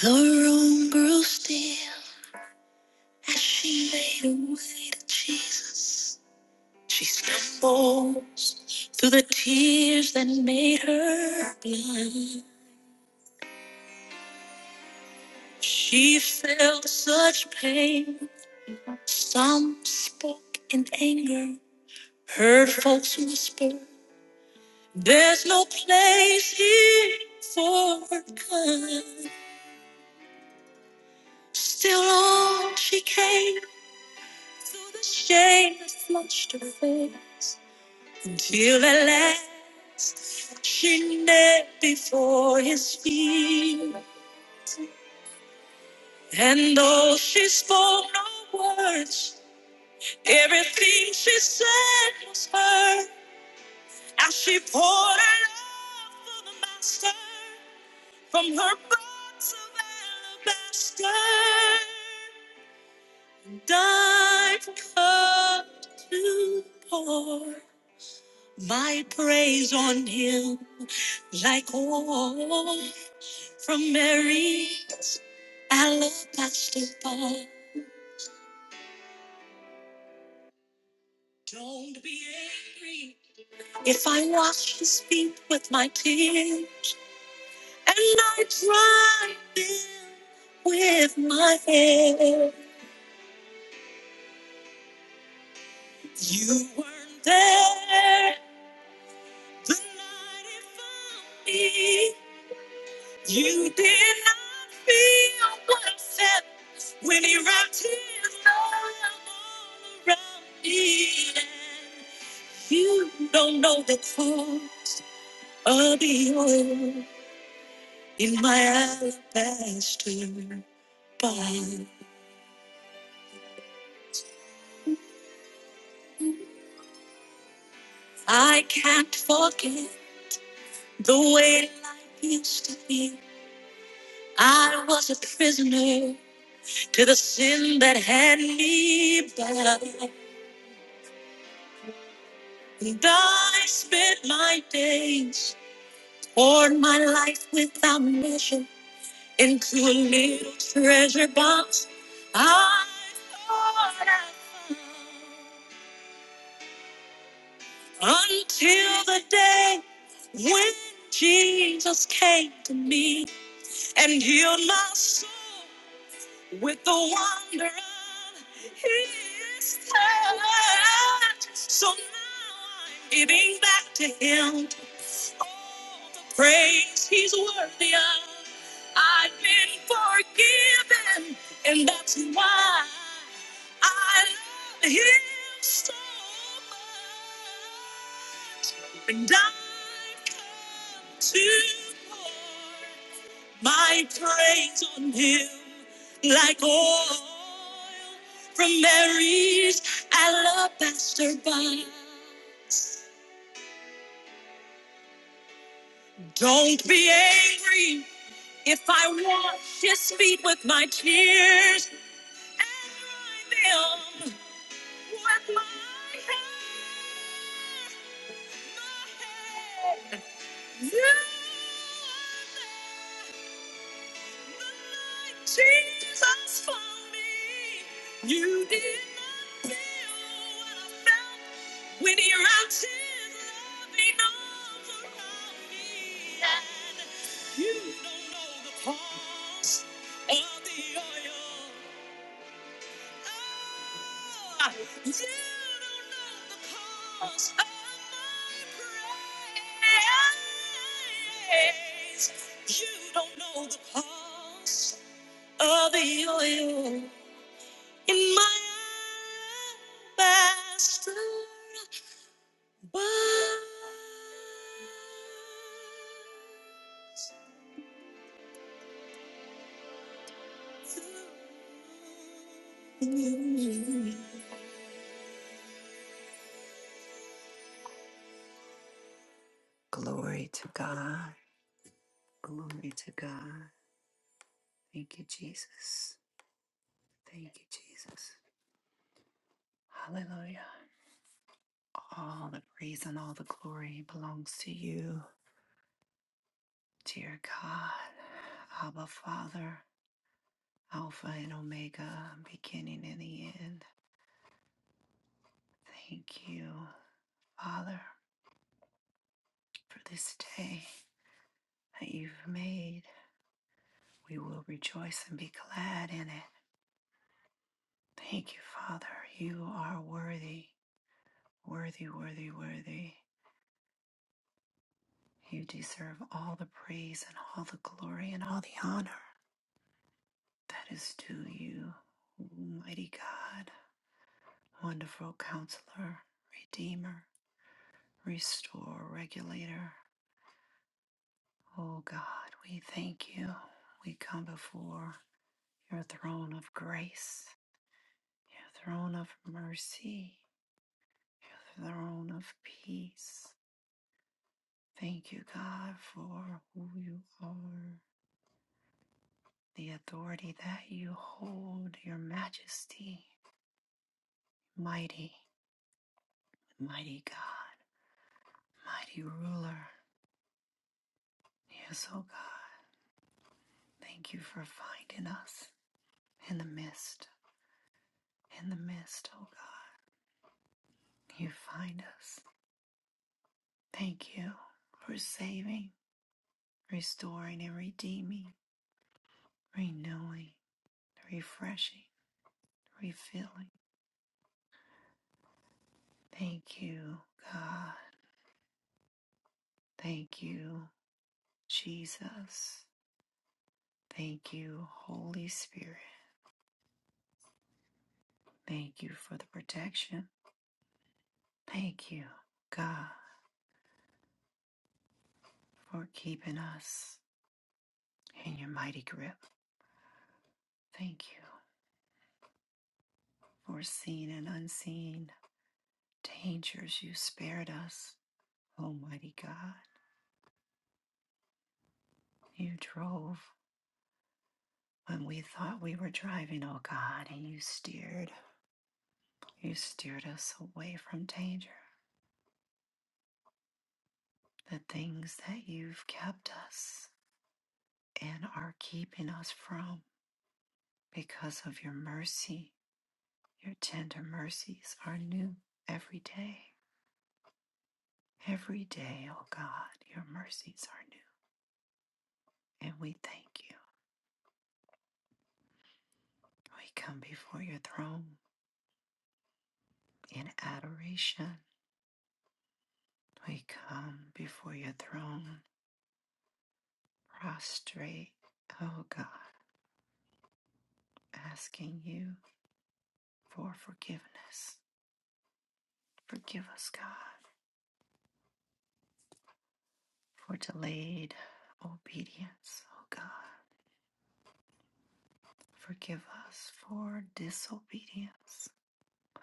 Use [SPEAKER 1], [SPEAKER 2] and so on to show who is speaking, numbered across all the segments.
[SPEAKER 1] The room grew still as she made her way to Jesus. She stumbles through the tears that made her blind. She felt such pain. Some spoke in anger, heard folks whisper, There's no place here for her kind. Still on she came through the shame that flushed her face. Until at last she knelt before his feet. And though she spoke no words, everything she said was heard. As she poured her love for the master from her box of alabaster. And I've come to pour my praise on him like oil From Mary, alabaster bowl. Don't be angry if I wash his feet with my tears and I dry them with my hair. You weren't there the night it found me. You did not feel what felt. When he wrapped his arm all around me, and you don't know the cost of the oil in my alabaster box. I can't forget the way life used to be. I was a prisoner to the sin that had me bound. And I spent my days, poured my life without measure into a little treasure box I thought I found until the day when Jesus came to me and healed my soul with the wonder of his touch. So now I'm giving back to him all the praise he's worthy of. I've been forgiven, and that's why I love him so much. And I've come to pour my praise on him like oil from Mary's alabaster box. Don't be angry if I wash his feet with my tears and dry them with my hair. My hair. You are Jesus for me. You did not feel what I felt when your arms loving arms around me. And you don't know the cost of the oil. Oh, you don't know the cost of my praise. You don't know the cost of the oil in my alabaster bathroom. Glory to God. Glory to God. Thank you, Jesus. Thank you, Jesus. Hallelujah. All the praise and all the glory belongs to you, dear God. Abba, Father. Alpha and Omega, beginning and the end. Thank you, Father, for this day that you've made. We will rejoice and be glad in it. Thank you, Father. You are worthy, worthy, worthy, worthy. You deserve all the praise and all the glory and all the honor that is due you, mighty God, wonderful counselor, redeemer, restore, regulator. Oh God, we thank you. We come before your throne of grace, your throne of mercy, your throne of peace. Thank you, God, for who you are, the authority that you hold, your majesty, mighty, mighty God, mighty ruler. Yes, oh God, thank you for finding us in the mist, in the mist, oh God. You find us. Thank you for saving, restoring, and redeeming, renewing, refreshing, refilling. Thank you, God. Thank you, Jesus. Thank you, Holy Spirit. Thank you for the protection. Thank you, God, for keeping us in your mighty grip. Thank you for seen and unseen dangers you spared us, Almighty God. You drove when we thought we were driving, oh God, and you steered, you steered us away from danger, the things that you've kept us and are keeping us from because of your mercy. Your tender mercies are new every day. Every day, oh God, your mercies are new. And we thank you. We come before your throne in adoration. We come before your throne prostrate, oh God asking you for forgiveness. Forgive us, God, for delayed obedience, oh God. Forgive us for disobedience,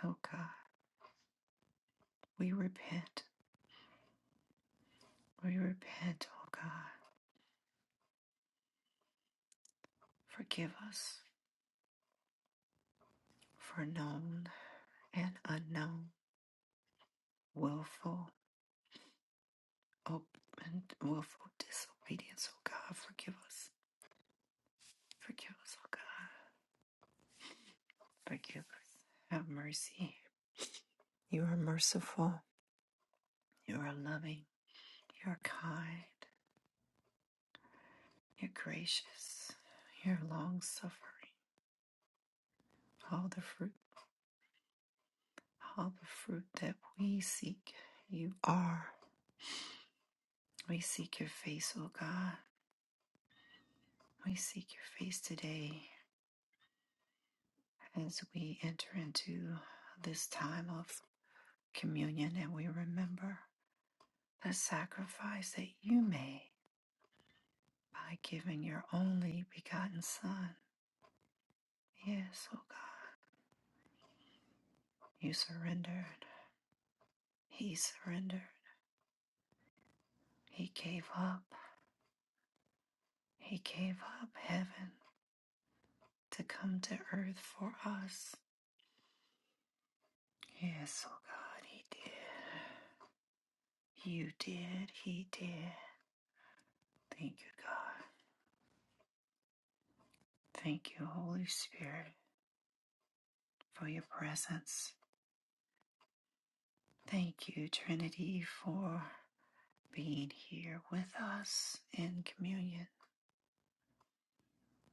[SPEAKER 1] oh God. We repent. We repent, oh God. Forgive us for known and unknown, willful, ob- and willful disobedience, oh God. Forgive us. Forgive us, oh God. Forgive us. Have mercy. You are merciful. You are loving. You're kind, you're gracious, you're long suffering. All the fruit, all the fruit that we seek, you are. We seek your face, O God. We seek your face today as we enter into this time of communion and we remember the sacrifice that you made by giving your only begotten Son. Yes, O God, you surrendered. He surrendered. He gave up. He gave up heaven to come to earth for us. Yes, oh God, He did. You did, He did. Thank you, God. Thank you, Holy Spirit, for your presence. Thank you, Trinity, for being here with us in communion.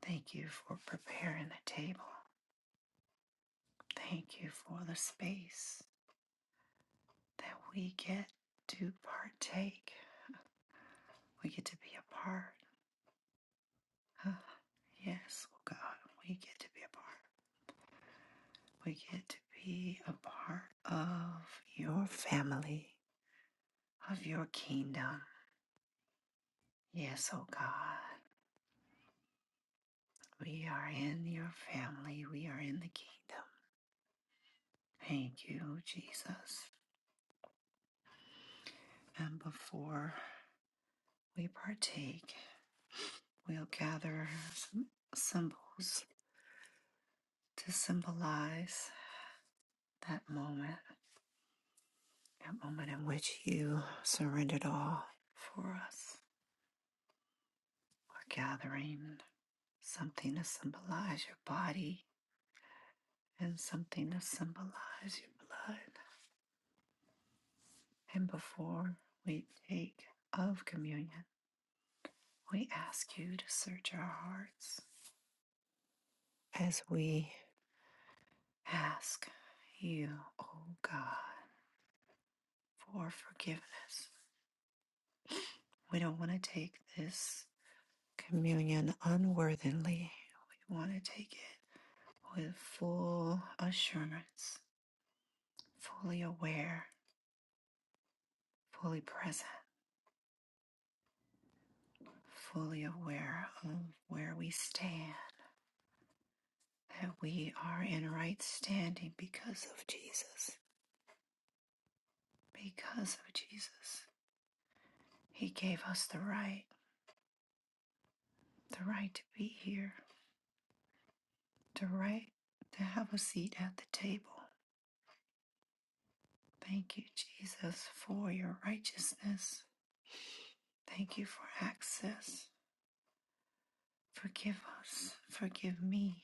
[SPEAKER 1] Thank you for preparing the table. Thank you for the space that we get to partake. We get to be a part Ah, Yes, oh God, we get to be a part. We get to be a part of your family, of your kingdom. Yes, oh God, we are in your family. We are in the kingdom. Thank you, Jesus. And before we partake, we'll gather some symbols to symbolize that moment, that moment in which you surrendered all for us. We're gathering. something to symbolize your body and something to symbolize your blood. And before we take of communion, we ask you to search our hearts as we ask you, oh God, for forgiveness. We don't want to take this communion unworthily. We want to take it with full assurance, fully aware, fully present fully aware of where we stand, that we are in right standing because of Jesus. Because of Jesus. He gave us the right, the right to be here, the right to have a seat at the table. Thank you, Jesus, for your righteousness. Thank you for access. Forgive us. Forgive me.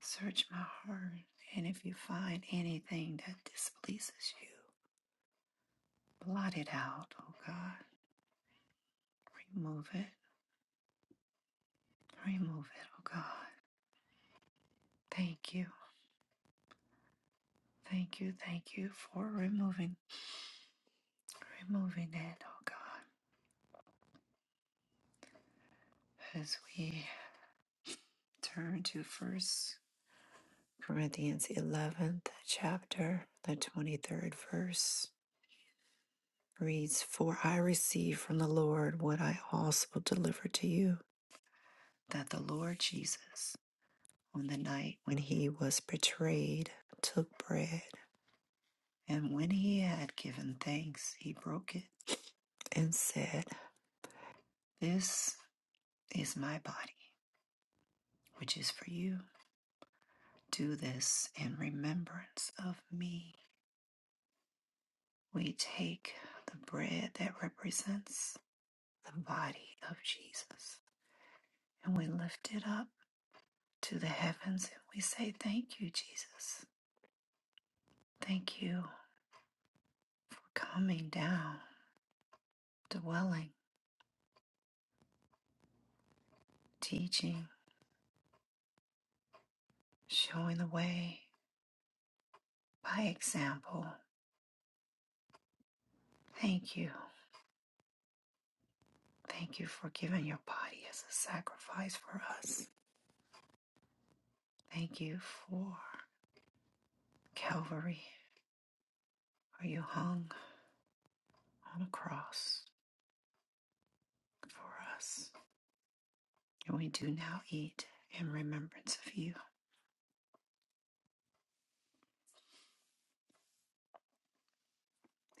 [SPEAKER 1] Search my heart. And if you find anything that displeases you, blot it out, oh God Remove it. Remove it, oh God. Thank you. Thank you. Thank you for removing removing it, oh God. As we turn to first Corinthians eleventh chapter, the twenty-third verse reads, For I received from the Lord what I also delivered to you. That the Lord Jesus, on the night when he was betrayed, took bread, and when he had given thanks, he broke it and said. This is my body, which is for you. Do this in remembrance of me. We take the bread that represents the body of Jesus and we lift it up to the heavens and we say, Thank you, Jesus. Thank you for coming down, dwelling, teaching, showing the way by example. Thank you. Thank you for giving your body as a sacrifice for us. Thank you for Calvary, where you hung on a cross for us. And we do now eat in remembrance of you.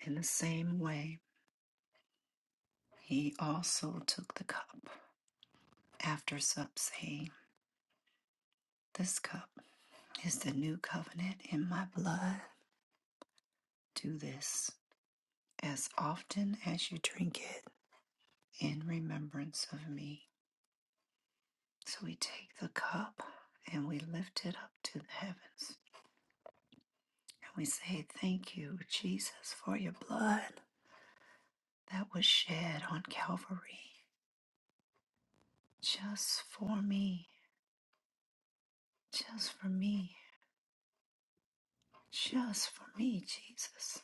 [SPEAKER 1] In the same way, he also took the cup after sup, saying, This cup is the new covenant in my blood. Do this as often as you drink it in remembrance of me. So we take the cup and we lift it up to the heavens. And we say, Thank you, Jesus, for your blood that was shed on Calvary just for me, just for me, just for me, Jesus.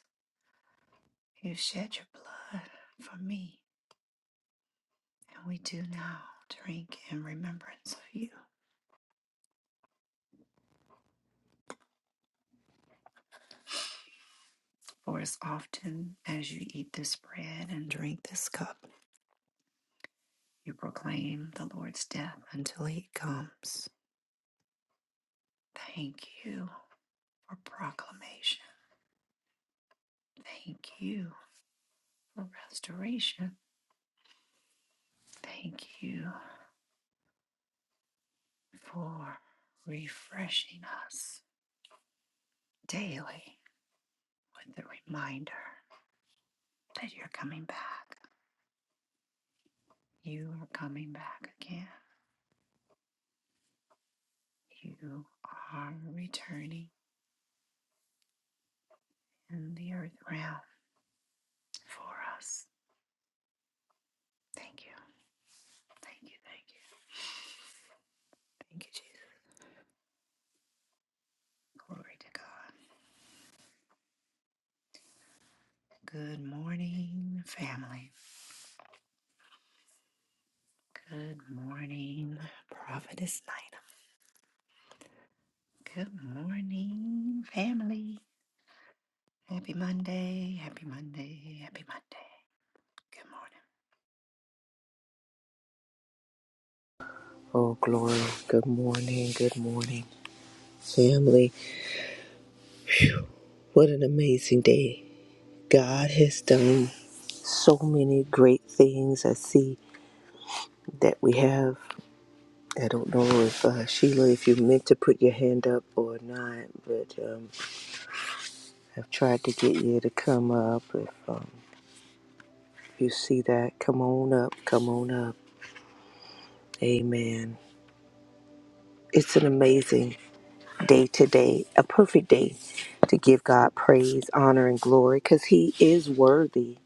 [SPEAKER 1] You shed your blood for me, and we do now drink in remembrance of you. For as often as you eat this bread and drink this cup, you proclaim the Lord's death until he comes. Thank you for proclamation. Thank you for restoration. Thank you for refreshing us daily with the reminder that you're coming back. You are coming back again. You are returning in the earth realm for us. Thank you. Thank you. Thank you. Thank you, Jesus. Glory to God. Good morning, family. Good morning, Prophetess Nina. Good morning, family. Happy Monday. Happy Monday. Happy Monday. Good morning.
[SPEAKER 2] Oh, glory. Good morning. Good morning, family. What an amazing day. God has done so many great things. I see that we have. I don't know if uh, Sheila, if you meant to put your hand up or not, but um, I've tried to get you to come up. If um, you see that, come on up. Come on up. Amen. It's an amazing day today, a perfect day to give God praise, honor, and glory because He is worthy.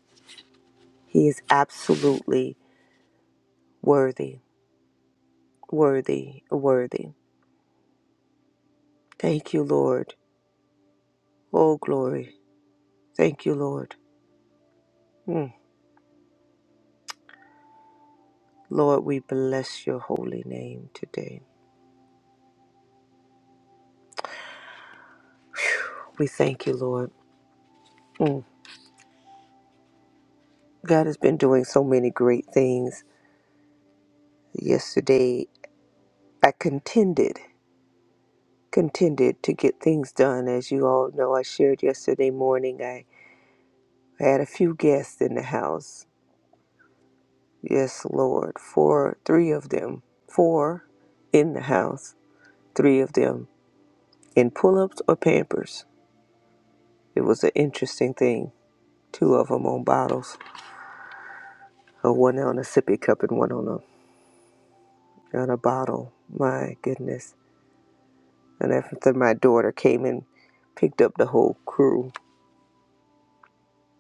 [SPEAKER 2] He is absolutely worthy, worthy, worthy. Thank you, Lord. Oh, glory. Thank you, Lord. Mm. Lord, we bless your holy name today. We thank you, Lord. Mm. God has been doing so many great things. Yesterday, I contended, contended to get things done. As you all know, I shared yesterday morning, I had a few guests in the house. Yes, Lord. Four, three of them, four in the house three of them in pull ups or pampers. It was an interesting thing. Two of them on bottles, uh, one on a sippy cup and one on a, on a bottle. My goodness. And after my daughter came and picked up the whole crew,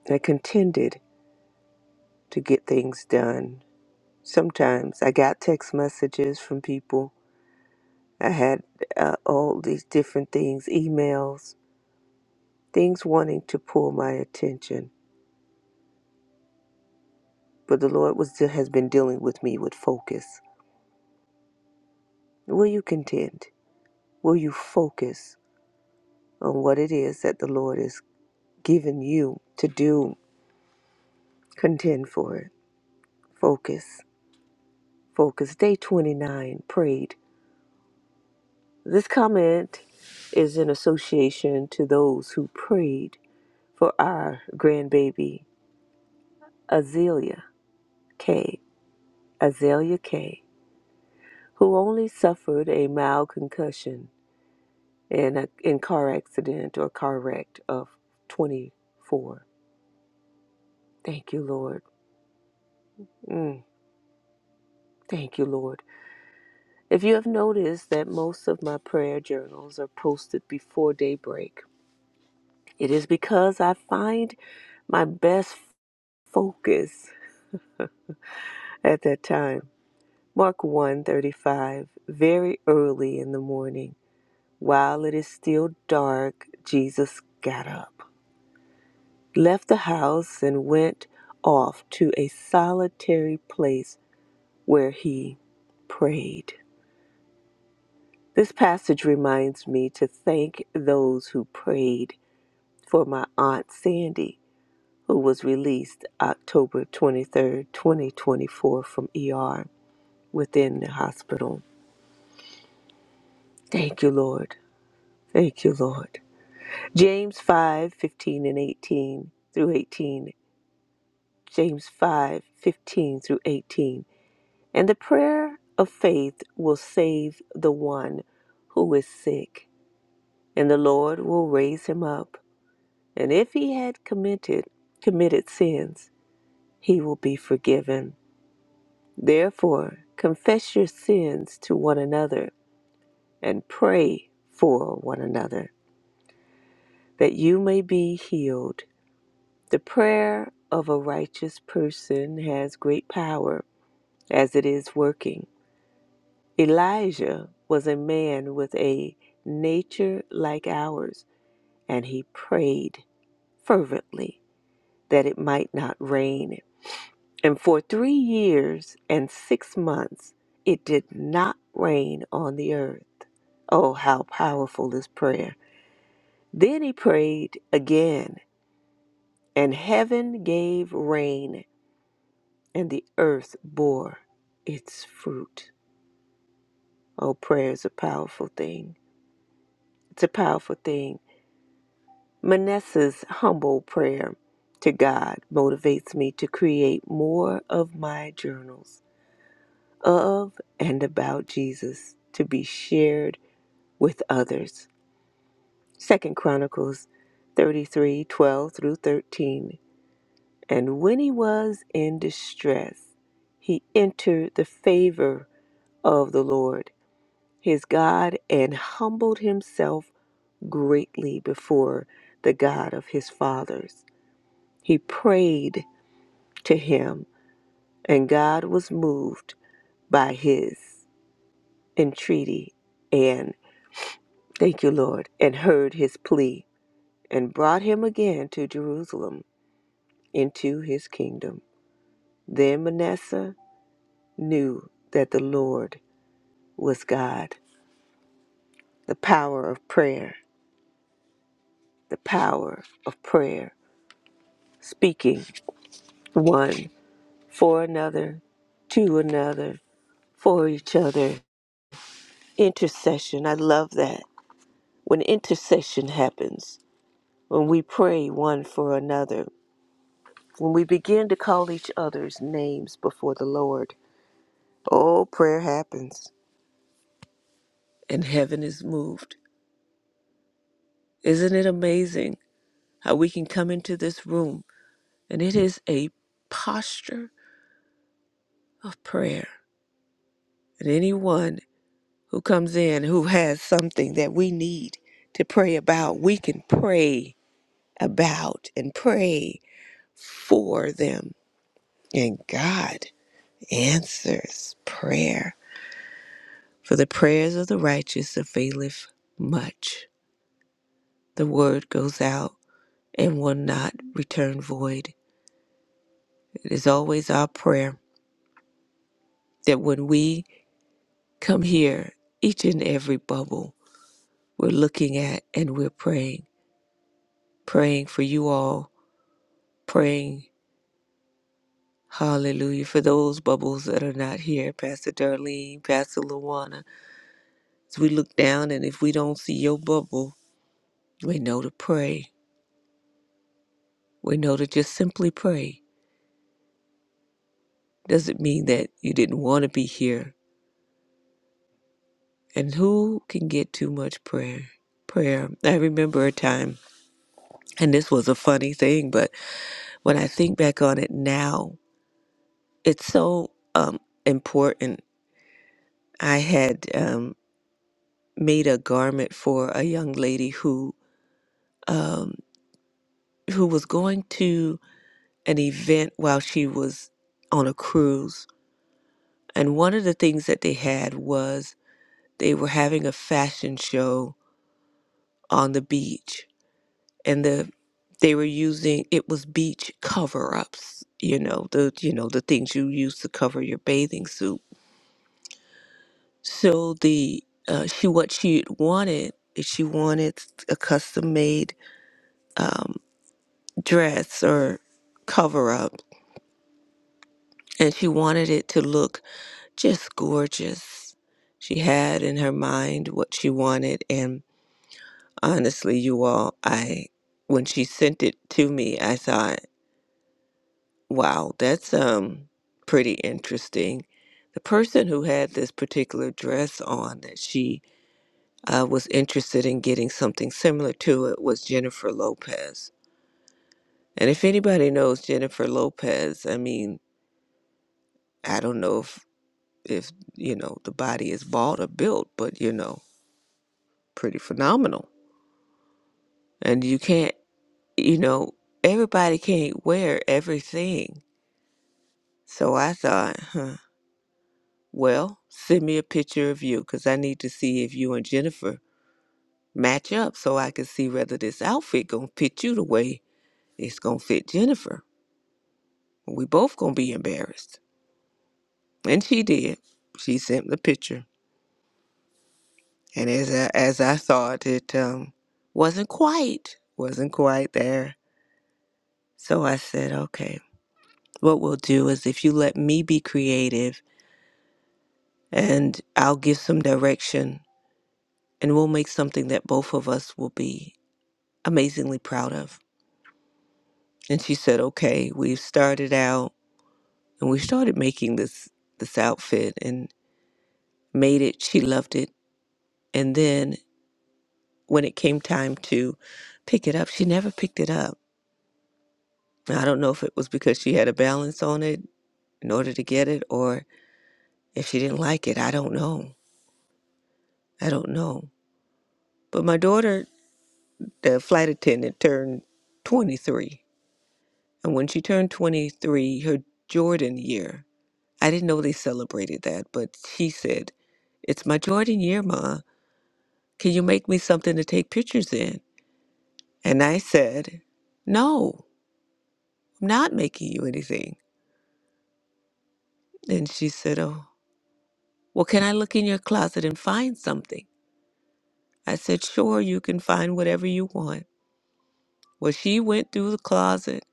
[SPEAKER 2] I contended to get things done. Sometimes I got text messages from people. I had uh, all these different things, emails, things wanting to pull my attention. But the Lord was has been dealing with me with focus Will you contend? Will you focus on what it is that the Lord has given you to do? Contend for it. Focus. Focus. Day 29, prayed. This comment is in association to those who prayed for our grandbaby, Azalea K. Azalea K., who only suffered a mild concussion in a in car accident or car wreck of 24. Thank you, Lord. Mm. Thank you, Lord. If you have noticed that most of my prayer journals are posted before daybreak, it is because I find my best focus at that time. Mark 1:35 Very early in the morning, while it is still dark, Jesus got up, left the house and went off to a solitary place where he prayed. This passage reminds me to thank those who prayed for my Aunt Sandy, who was released October twenty-third, twenty third, 2024, from ER within the hospital. Thank you, Lord. Thank you, Lord. James 5 15 and 18 through 18. James 5 15 through 18. And the prayer of faith will save the one who is sick, and the Lord will raise him up. And if he had committed committed sins, he will be forgiven. Therefore, confess your sins to one another and pray for one another that you may be healed. The prayer of a righteous person has great power as it is working. Elijah was a man with a nature like ours, and he prayed fervently that it might not rain And for three years and six months, it did not rain on the earth. Oh, how powerful is prayer! Then he prayed again, and heaven gave rain, and the earth bore its fruit. Oh, prayer is a powerful thing. It's a powerful thing. Manasseh's humble prayer to God motivates me to create more of my journals of and about Jesus to be shared with others. Second Chronicles 33, 12 through 13. And when he was in distress, he entered the favor of the Lord his God and humbled himself greatly before the God of his fathers. He prayed to him, and God was moved by his entreaty and thank you, Lord, and heard his plea and brought him again to Jerusalem into his kingdom. Then Manasseh knew that the Lord was God. The power of prayer, the power of prayer, speaking one for another, to another, for each other. Intercession, I love that. When intercession happens, when we pray one for another, when we begin to call each other's names before the Lord, oh, prayer happens and heaven is moved. Isn't it amazing? how we can come into this room. And it is a posture of prayer. And anyone who comes in who has something that we need to pray about, we can pray about and pray for them. And God answers prayer. For the prayers of the righteous availeth much. The word goes out and will not return void. It is always our prayer that when we Come here, each and every bubble we're looking at and we're praying. Praying for you all, praying, hallelujah, for those bubbles that are not here, Pastor Darlene, Pastor Luana. As we look down and if we don't see your bubble, we know to pray. We know to just simply pray. Doesn't mean that you didn't want to be here. And who can get too much prayer? Prayer. I remember a time, and this was a funny thing, but when I think back on it now, it's so um, important. I had um, made a garment for a young lady who um, who was going to an event while she was on a cruise, and one of the things that they had was they were having a fashion show on the beach, and the they were using it was beach cover ups, you know the you know the things you use to cover your bathing suit So the uh, she what she wanted is she wanted a custom made um, dress or cover up, and she wanted it to look just gorgeous. She had in her mind what she wanted, and honestly, you all, I when she sent it to me, I thought, wow, that's um pretty interesting. The person who had this particular dress on that she uh, was interested in getting something similar to it was Jennifer Lopez. And if anybody knows Jennifer Lopez, I mean, I don't know if if you know the body is bought or built, but you know, pretty phenomenal. And you can't, you know, everybody can't wear everything. So I thought, huh, well, send me a picture of you because I need to see if you and Jennifer match up so I can see whether this outfit gonna fit you the way it's gonna fit Jennifer. We both gonna be embarrassed. And she did. She sent the picture. And as I, as I thought, it um, wasn't quite, wasn't quite there. So I said, okay, what we'll do is if you let me be creative and I'll give some direction and we'll make something that both of us will be amazingly proud of. And she said, okay, we've started out and we started making this, this outfit and made it. She loved it. And then when it came time to pick it up, she never picked it up. Now, I don't know if it was because she had a balance on it in order to get it or if she didn't like it. I don't know. I don't know. But my daughter, the flight attendant, turned 23. And when she turned 23, her Jordan year, I didn't know they celebrated that, but she said, It's my Jordan year, Ma. Can you make me something to take pictures in? And I said, No, I'm not making you anything. And she said, Oh. Well, can I look in your closet and find something? I said, Sure, you can find whatever you want. Well, she went through the closet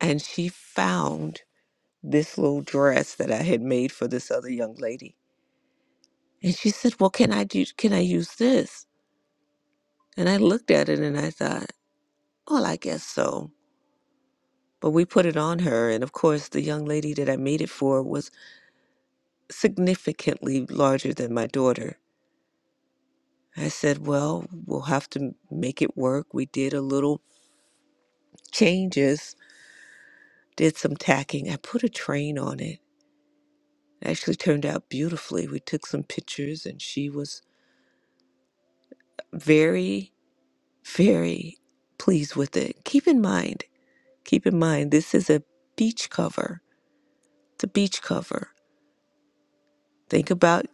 [SPEAKER 2] and she found this little dress that I had made for this other young lady. And she said, Well, can I do can I use this? And I looked at it and I thought, Well, I guess so. But we put it on her and of course the young lady that I made it for was significantly larger than my daughter. I said, Well, we'll have to make it work. We did a little changes did some tacking. I put a train on it. It actually turned out beautifully. We took some pictures and she was very, very pleased with it. Keep in mind, keep in mind, this is a beach cover. It's a beach cover. Think about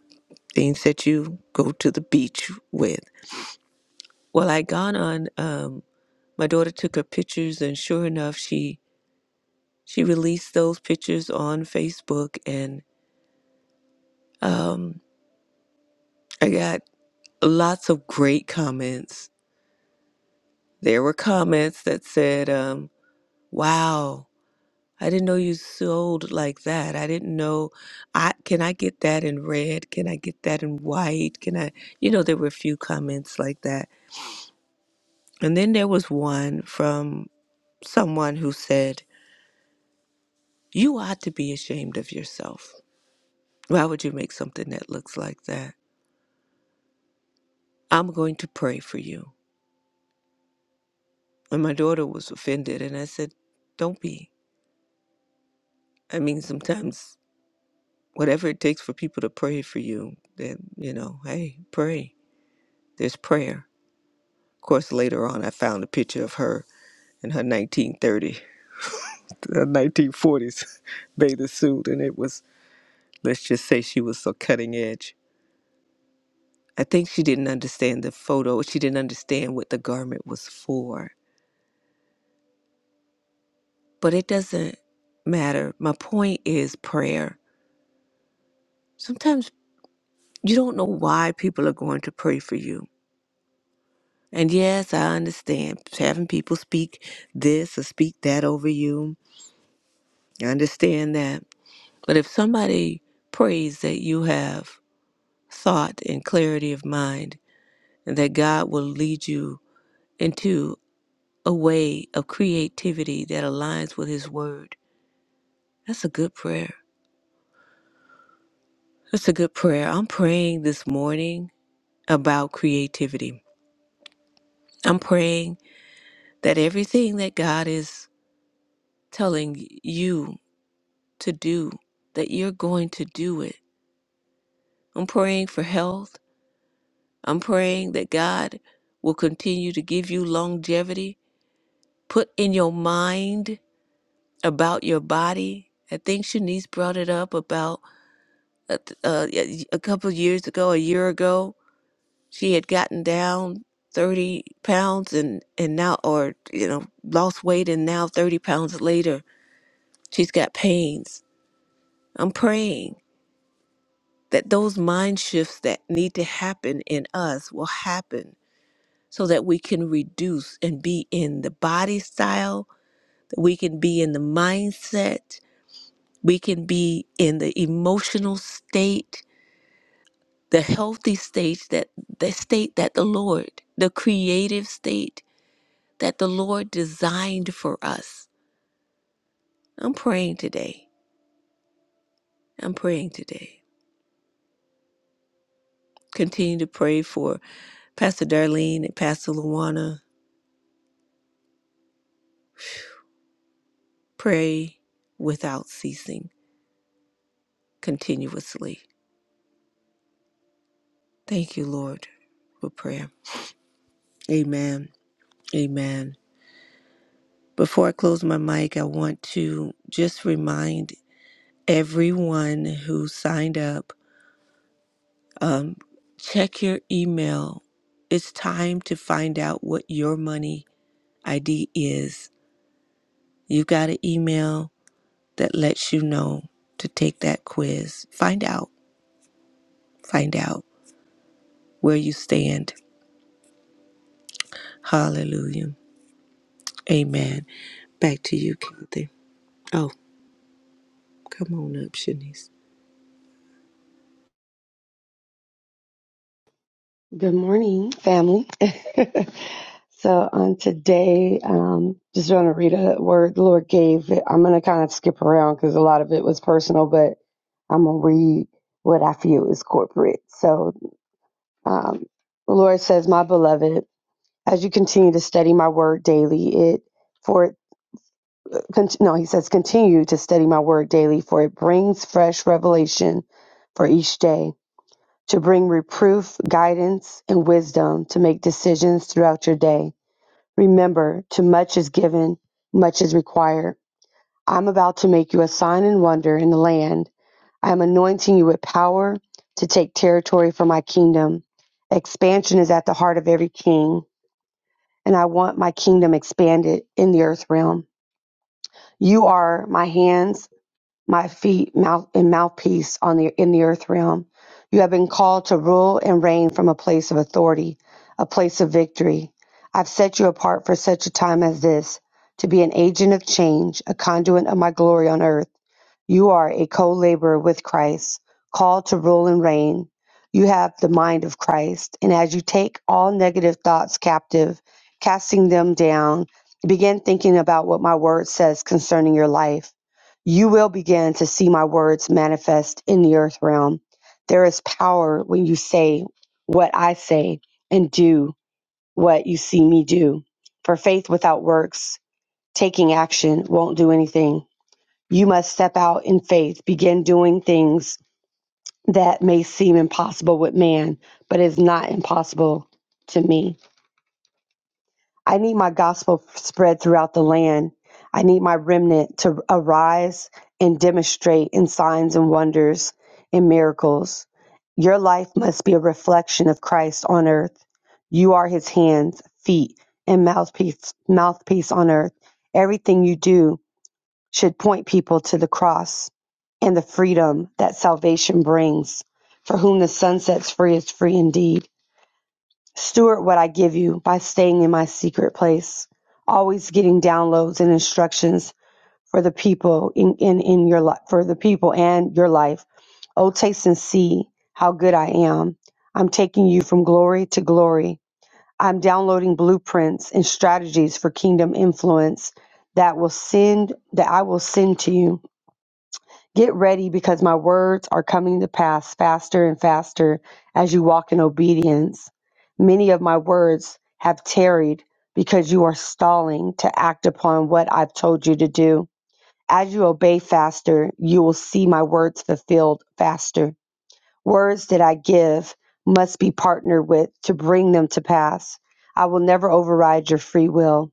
[SPEAKER 2] things that you go to the beach with. Well, I gone on, um, my daughter took her pictures and sure enough, she, she released those pictures on Facebook and, um, I got lots of great comments There were comments that said, um, wow, I didn't know you sold like that. I didn't know I can I get that in red? Can I get that in white? Can I you know, there were a few comments like that. And then there was one from someone who said, You ought to be ashamed of yourself. Why would you make something that looks like that? I'm going to pray for you. And my daughter was offended and I said, Don't be. I mean sometimes whatever it takes for people to pray for you, then, you know, hey, pray. There's prayer. Of course, later on, I found a picture of her in her 1930, uh, 1940s bathing suit, and it was, let's just say she was so cutting edge. I think she didn't understand the photo. She didn't understand what the garment was for. But it doesn't matter. My point is prayer. Sometimes you don't know why people are going to pray for you And yes, I understand having people speak this or speak that over you. I understand that. But if somebody prays that you have thought and clarity of mind, and that God will lead you into a way of creativity that aligns with His Word, that's a good prayer. That's a good prayer. I'm praying this morning about creativity. I'm praying that everything that God is telling you to do, that you're going to do it. I'm praying for health. I'm praying that God will continue to give you longevity. Put in your mind about your body. I think Shanice brought it up about a, a, a couple of years ago, a year ago. She had gotten down 30 pounds and, and now, or, you know, lost weight and now 30 pounds later, she's got pains. I'm praying that those mind shifts that need to happen in us will happen so that we can reduce and be in the body style, that we can be in the mindset, we can be in the emotional state, the healthy state that the state that the Lord, the creative state that the Lord designed for us. I'm praying today. I'm praying today. Continue to pray for Pastor Darlene and Pastor Luana Pray without ceasing, continuously. Thank you, Lord, for prayer. Amen. Amen. Before I close my mic, I want to just remind everyone who signed up um, check your email. It's time to find out what your money ID is. You've got an email that lets you know to take that quiz. Find out. Find out where you stand. Hallelujah. Amen. Back to you, Kathy. Oh, come on up, Shanice.
[SPEAKER 3] Good morning, family. so on today, um, just want to read a word the Lord gave. I'm going to kind of skip around because a lot of it was personal, but I'm going to read what I feel is corporate. So um, the Lord says, "My beloved, as you continue to study my word daily, it for it con- no, He says, continue to study my word daily, for it brings fresh revelation for each day." to bring reproof, guidance, and wisdom to make decisions throughout your day. Remember, to much is given, much is required. I'm about to make you a sign and wonder in the land. I am anointing you with power to take territory for my kingdom. Expansion is at the heart of every king, and I want my kingdom expanded in the earth realm. You are my hands my feet mouth and mouthpiece on the in the earth realm. You have been called to rule and reign from a place of authority, a place of victory. I've set you apart for such a time as this, to be an agent of change, a conduit of my glory on earth. You are a co laborer with Christ, called to rule and reign. You have the mind of Christ. And as you take all negative thoughts captive, casting them down, begin thinking about what my word says concerning your life. You will begin to see my words manifest in the earth realm. There is power when you say what I say and do what you see me do. For faith without works, taking action, won't do anything. You must step out in faith, begin doing things that may seem impossible with man, but is not impossible to me. I need my gospel spread throughout the land. I need my remnant to arise and demonstrate in signs and wonders and miracles. Your life must be a reflection of Christ on earth. You are his hands, feet, and mouthpiece mouthpiece on earth. Everything you do should point people to the cross and the freedom that salvation brings. For whom the sun sets free is free indeed. Steward what I give you by staying in my secret place, always getting downloads and instructions for the people in, in, in your life, for the people and your life. Oh, taste and see how good I am. I'm taking you from glory to glory. I'm downloading blueprints and strategies for kingdom influence that will send that I will send to you. Get ready because my words are coming to pass faster and faster as you walk in obedience. Many of my words have tarried because you are stalling to act upon what I've told you to do. As you obey faster, you will see my words fulfilled faster. Words that I give must be partnered with to bring them to pass. I will never override your free will.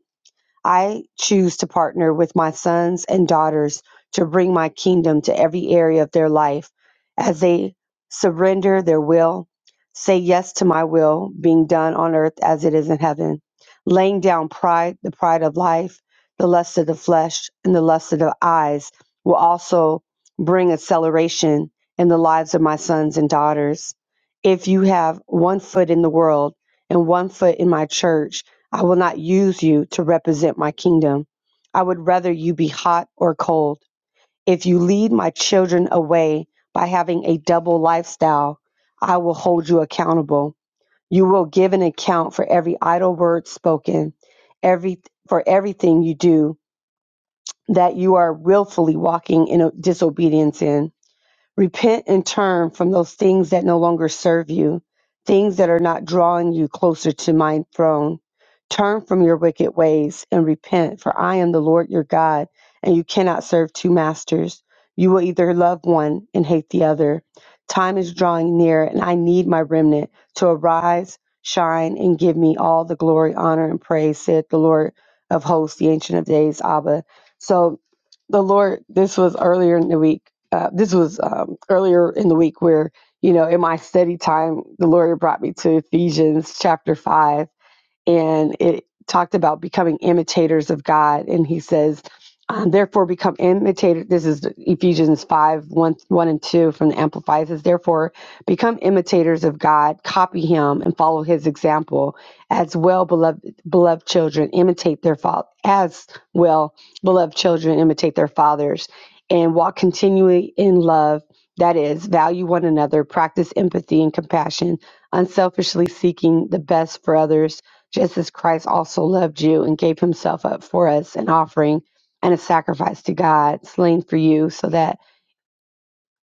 [SPEAKER 3] I choose to partner with my sons and daughters to bring my kingdom to every area of their life as they surrender their will, say yes to my will being done on earth as it is in heaven, laying down pride, the pride of life, the lust of the flesh, and the lust of the eyes will also bring acceleration in the lives of my sons and daughters. If you have one foot in the world and one foot in my church, I will not use you to represent my kingdom. I would rather you be hot or cold. If you lead my children away by having a double lifestyle, I will hold you accountable. You will give an account for every idle word spoken, every for everything you do that you are willfully walking in disobedience in. Repent and turn from those things that no longer serve you, things that are not drawing you closer to my throne. Turn from your wicked ways and repent, for I am the Lord your God, and you cannot serve two masters. You will either love one and hate the other. Time is drawing near, and I need my remnant to arise, shine, and give me all the glory, honor, and praise, said the Lord of hosts, the Ancient of Days, Abba. So the Lord, this was earlier in the week. Uh, this was um, earlier in the week where, you know, in my study time, the Lord brought me to Ephesians chapter 5 and it talked about becoming imitators of God. And he says, um, therefore become imitators. This is Ephesians five one one and 2 from the Amplified. It says, therefore become imitators of God, copy him, and follow his example. As well, beloved, beloved children, imitate their father. As well, beloved children, imitate their fathers and walk continually in love. That is, value one another, practice empathy and compassion, unselfishly seeking the best for others just as Christ also loved you and gave himself up for us, an offering and a sacrifice to God, slain for you, so that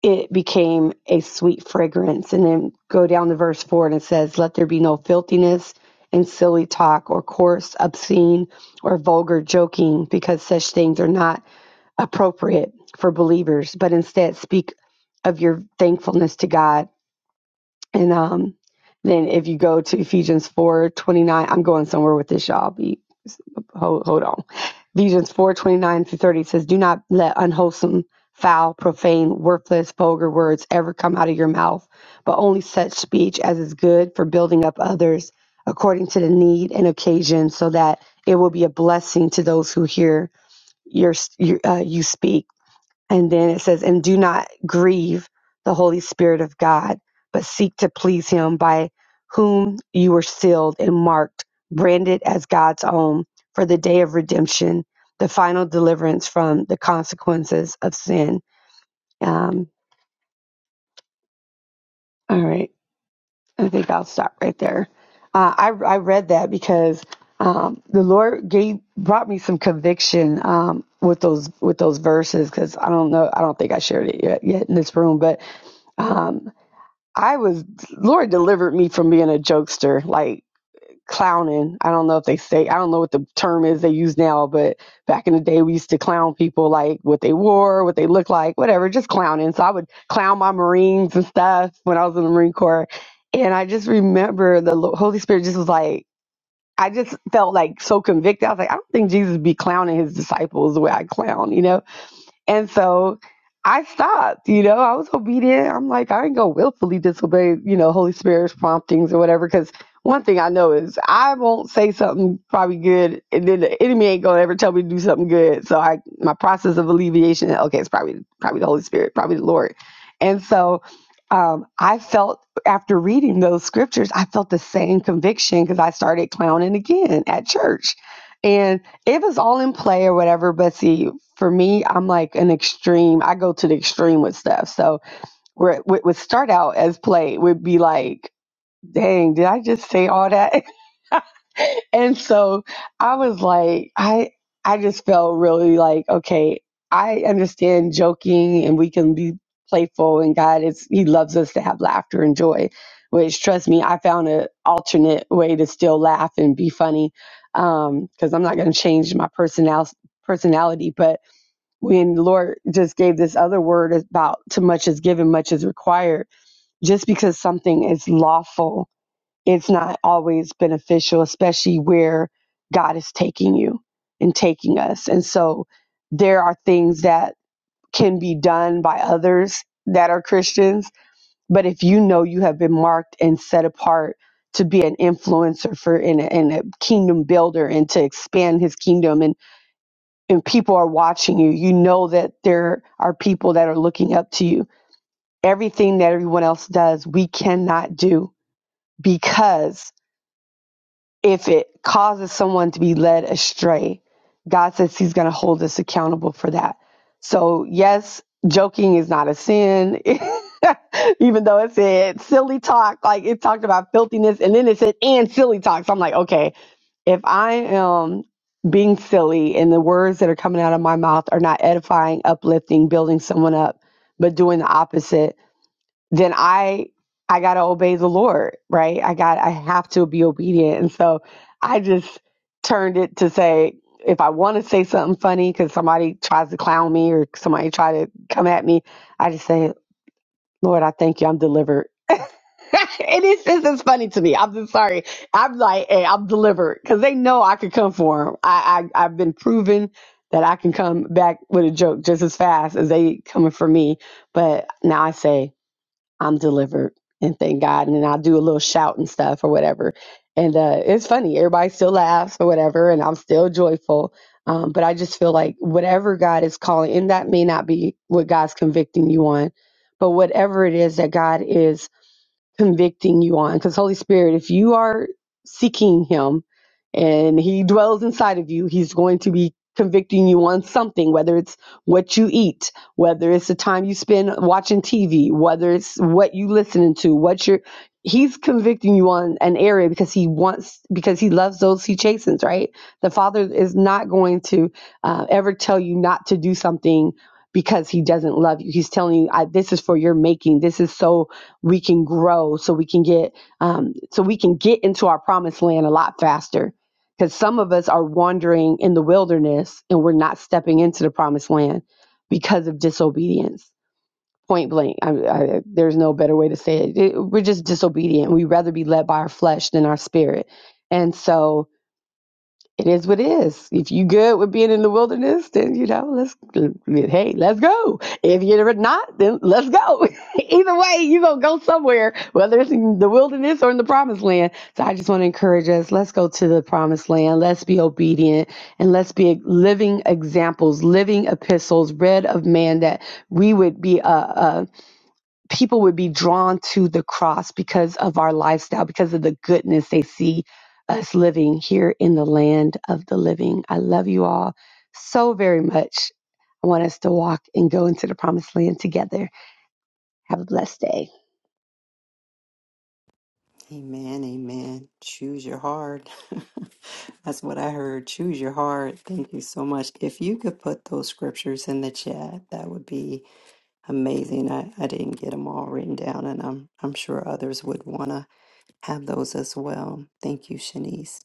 [SPEAKER 3] it became a sweet fragrance. And then go down to verse 4 and it says, Let there be no filthiness and silly talk or coarse, obscene, or vulgar joking, because such things are not appropriate for believers, but instead speak of your thankfulness to God. And um, then if you go to Ephesians 4:29, I'm going somewhere with this, y'all. Be, hold, hold on. Ephesians 4:29 through 30 says, Do not let unwholesome, foul, profane, worthless, vulgar words ever come out of your mouth, but only such speech as is good for building up others according to the need and occasion, so that it will be a blessing to those who hear your, your uh, you speak and then it says, and do not grieve the Holy Spirit of God, but seek to please him by whom you were sealed and marked, branded as God's own for the day of redemption, the final deliverance from the consequences of sin. Um, all right. I think I'll stop right there. Uh, I, I read that because um, the Lord gave brought me some conviction um, with those with those verses because I don't know I don't think I shared it yet, yet in this room but um, I was Lord delivered me from being a jokester, like clowning. I don't know if they say I don't know what the term is they use now, but back in the day we used to clown people like what they wore, what they looked like, whatever, just clowning. So I would clown my Marines and stuff when I was in the Marine Corps. And I just remember the Lo- Holy Spirit just was like I just felt like so convicted. I was like, I don't think Jesus be clowning his disciples the way I clown, you know? And so I stopped, you know, I was obedient. I'm like, I ain't gonna willfully disobey, you know, Holy Spirit's promptings or whatever. Cause one thing I know is I won't say something probably good and then the enemy ain't gonna ever tell me to do something good. So I my process of alleviation, okay, it's probably probably the Holy Spirit, probably the Lord. And so um, I felt after reading those scriptures, I felt the same conviction because I started clowning again at church. And it was all in play or whatever, but see, for me, I'm like an extreme. I go to the extreme with stuff. So where it would would start out as play would be like, dang, did I just say all that? and so I was like, I I just felt really like, okay, I understand joking and we can be playful and God is He loves us to have laughter and joy. Which trust me, I found an alternate way to still laugh and be funny. Um, because I'm not gonna change my personal personality, but when the Lord just gave this other word about too much is given, much is required. Just because something is lawful, it's not always beneficial, especially where God is taking you and taking us. And so there are things that can be done by others that are Christians. But if you know you have been marked and set apart to be an influencer for and a, and a kingdom builder and to expand his kingdom and and people are watching you, you know that there are people that are looking up to you. Everything that everyone else does, we cannot do because if it causes someone to be led astray, God says He's going to hold us accountable for that. So, yes, joking is not a sin, even though it said silly talk, like it talked about filthiness, and then it said and silly talk. So, I'm like, okay, if I am being silly and the words that are coming out of my mouth are not edifying, uplifting, building someone up, but doing the opposite, then I I got to obey the Lord, right? I got I have to be obedient. And so I just turned it to say if I want to say something funny cuz somebody tries to clown me or somebody try to come at me, I just say, "Lord, I thank you. I'm delivered." it is it's just funny to me. I'm just sorry. I'm like, hey, I'm delivered because they know I could come for them. I, I I've been proven that I can come back with a joke just as fast as they coming for me. But now I say I'm delivered and thank God. And then I do a little shout and stuff or whatever. And uh, it's funny. Everybody still laughs or whatever, and I'm still joyful. Um, but I just feel like whatever God is calling, and that may not be what God's convicting you on, but whatever it is that God is convicting you on because holy spirit if you are seeking him and he dwells inside of you he's going to be convicting you on something whether it's what you eat whether it's the time you spend watching tv whether it's what you listening to what you're he's convicting you on an area because he wants because he loves those he chastens right the father is not going to uh, ever tell you not to do something because he doesn't love you he's telling you I, this is for your making this is so we can grow so we can get um, so we can get into our promised land a lot faster because some of us are wandering in the wilderness and we're not stepping into the promised land because of disobedience point blank I, I, there's no better way to say it. it we're just disobedient we'd rather be led by our flesh than our spirit and so it is what it is. If you good with being in the wilderness, then you know, let's hey, let's go. If you're not, then let's go. Either way, you're gonna go somewhere, whether it's in the wilderness or in the promised land. So I just want to encourage us, let's go to the promised land, let's be obedient, and let's be living examples, living epistles, read of man that we would be a people would be drawn to the cross because of our lifestyle, because of the goodness they see us living here in the land of the living. I love you all so very much. I want us to walk and go into the promised land together. Have a blessed day.
[SPEAKER 1] Amen, amen. Choose your heart. That's what I heard. Choose your heart. Thank you so much. If you could put those scriptures in the chat, that would be amazing. I, I didn't get them all written down, and I'm I'm sure others would want to have those as well. Thank you, Shanice.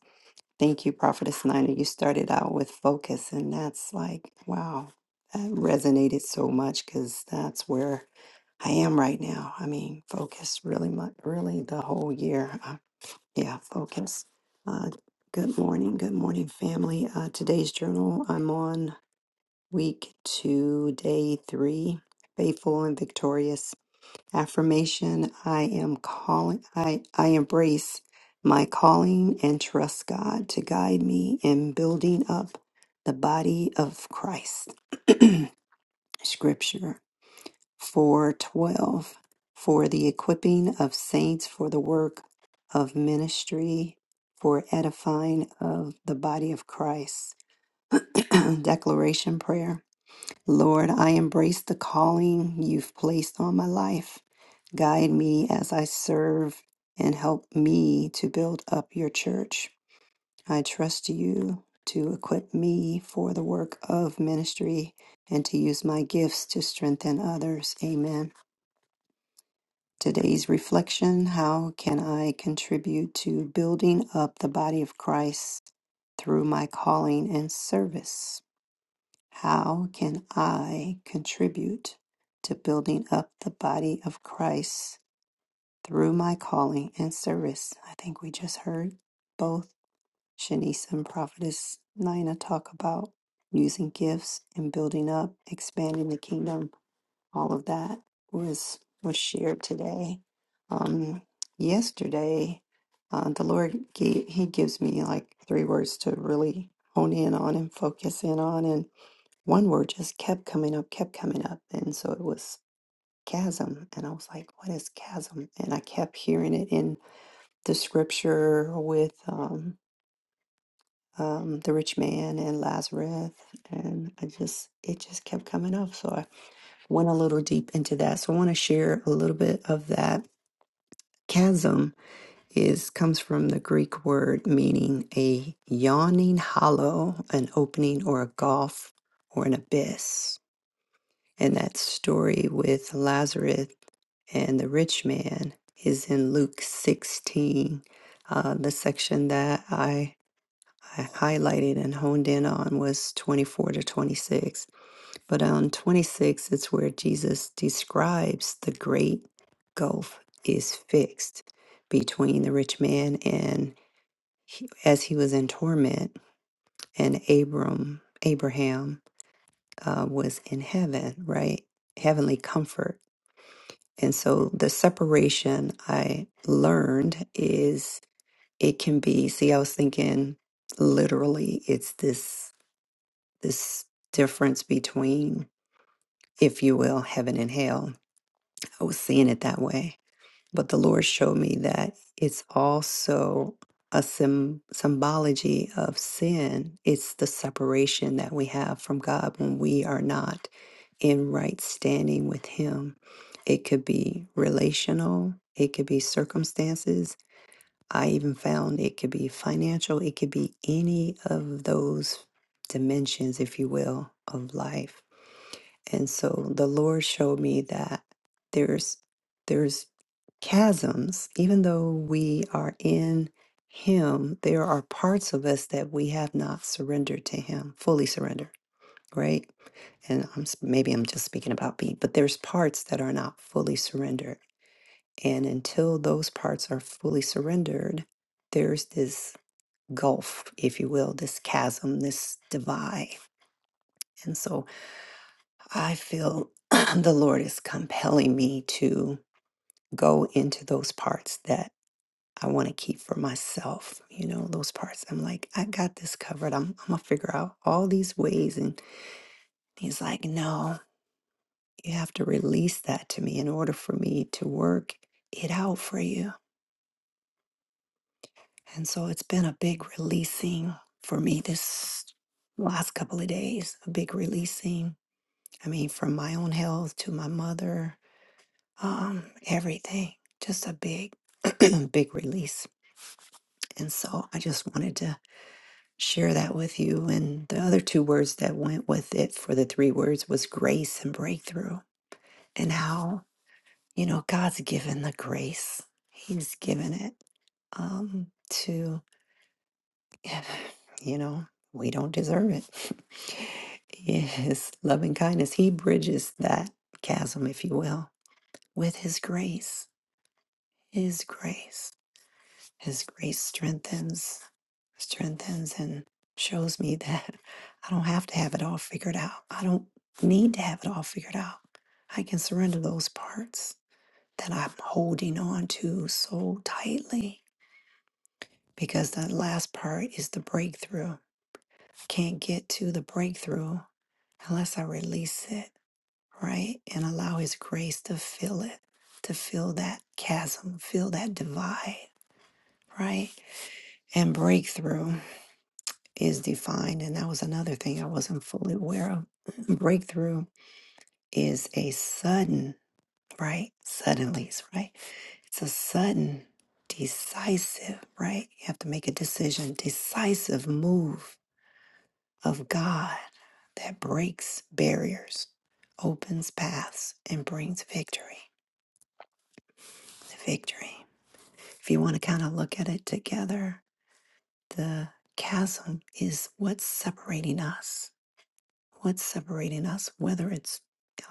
[SPEAKER 1] Thank you, Prophetess Nina. You started out with focus, and that's like, wow, that resonated so much because that's where I am right now. I mean, focused really much, really the whole year. Yeah, focus. Uh, good morning. Good morning, family. Uh, today's journal, I'm on week two, day three, faithful and victorious. Affirmation I am calling, I, I embrace my calling and trust God to guide me in building up the body of Christ. Scripture 4:12 for the equipping of saints for the work of ministry for edifying of the body of Christ declaration prayer Lord I embrace the calling you've placed on my life guide me as I serve and help me to build up your church I trust you to equip me for the work of ministry and to use my gifts to strengthen others amen Today's reflection How can I contribute to building up the body of Christ through my calling and service? How can I contribute to building up the body of Christ through my calling and service? I think we just heard both Shanice and Prophetess Nina talk about using gifts and building up, expanding the kingdom all of that was was shared today. Um, yesterday, uh, the Lord gave, He gives me like three words to really hone in on and focus in on, and one word just kept coming up, kept coming up, and so it was chasm, and I was like, "What is chasm?" And I kept hearing it in the scripture with um, um, the rich man and Lazarus, and I just it just kept coming up. So went a little deep into that. So I want to share a little bit of that. Chasm is comes from the Greek word meaning a yawning hollow, an opening or a gulf or an abyss. And that story with Lazarus and the rich man is in Luke 16. Uh, the section that I, I highlighted and honed in on was 24 to 26 But on 26, it's where Jesus describes the great gulf is fixed between the rich man and he, as he was in torment and Abram, Abraham uh, was in heaven, right? Heavenly comfort. And so the separation I learned is it can be, see, I was thinking literally, it's this, this difference between, if you will, heaven and hell I was seeing it that way. But the Lord showed me that it's also a sym symbology of sin. It's the separation that we have from God when we are not in right standing with Him. It could be relational, it could be circumstances. I even found it could be financial, it could be any of those dimensions, if you will, of life. And so the Lord showed me that there's there's chasms, even though we are in Him, there are parts of us that we have not surrendered to Him, fully surrendered, right? And I'm s- maybe I'm just speaking about me, but there's parts that are not fully surrendered, and until those parts are fully surrendered, there's this gulf, if you will, this chasm, this divide, and so I feel the Lord is compelling me to go into those parts that. I want to keep for myself, you know, those parts. I'm like, I got this covered. I'm, I'm going to figure out all these ways. And he's like, no, you have to release that to me in order for me to work it out for you. And so it's been a big releasing for me this last couple of days, a big releasing. I mean, from my own health to my mother, um, everything, just a big, big release. And so I just wanted to share that with you. And the other two words that went with it for the three words was grace and breakthrough, and how, you know, God's given the grace, He's given it um, to, you know, we don't deserve it. His loving kindness, He bridges that chasm, if you will, with His grace. His grace. His grace strengthens. strengthens and shows me that I don't have to have it all figured out. I don't need to have it all figured out. I can surrender those parts that I'm holding on to so tightly because that last part is the breakthrough. Can't get to the breakthrough unless I release it, right? And allow His grace to fill it, to fill that chasm, fill that divide, right? And breakthrough. is defined. And that was another thing I wasn't fully aware of. Breakthrough is a sudden, right? Suddenly, right? It's a sudden, decisive, right? You have to make a decision, decisive move of God that breaks barriers, opens paths, and brings victory. Victory. If you want to kind of look at it together, the chasm is what's separating us What's separating us? Whether it's,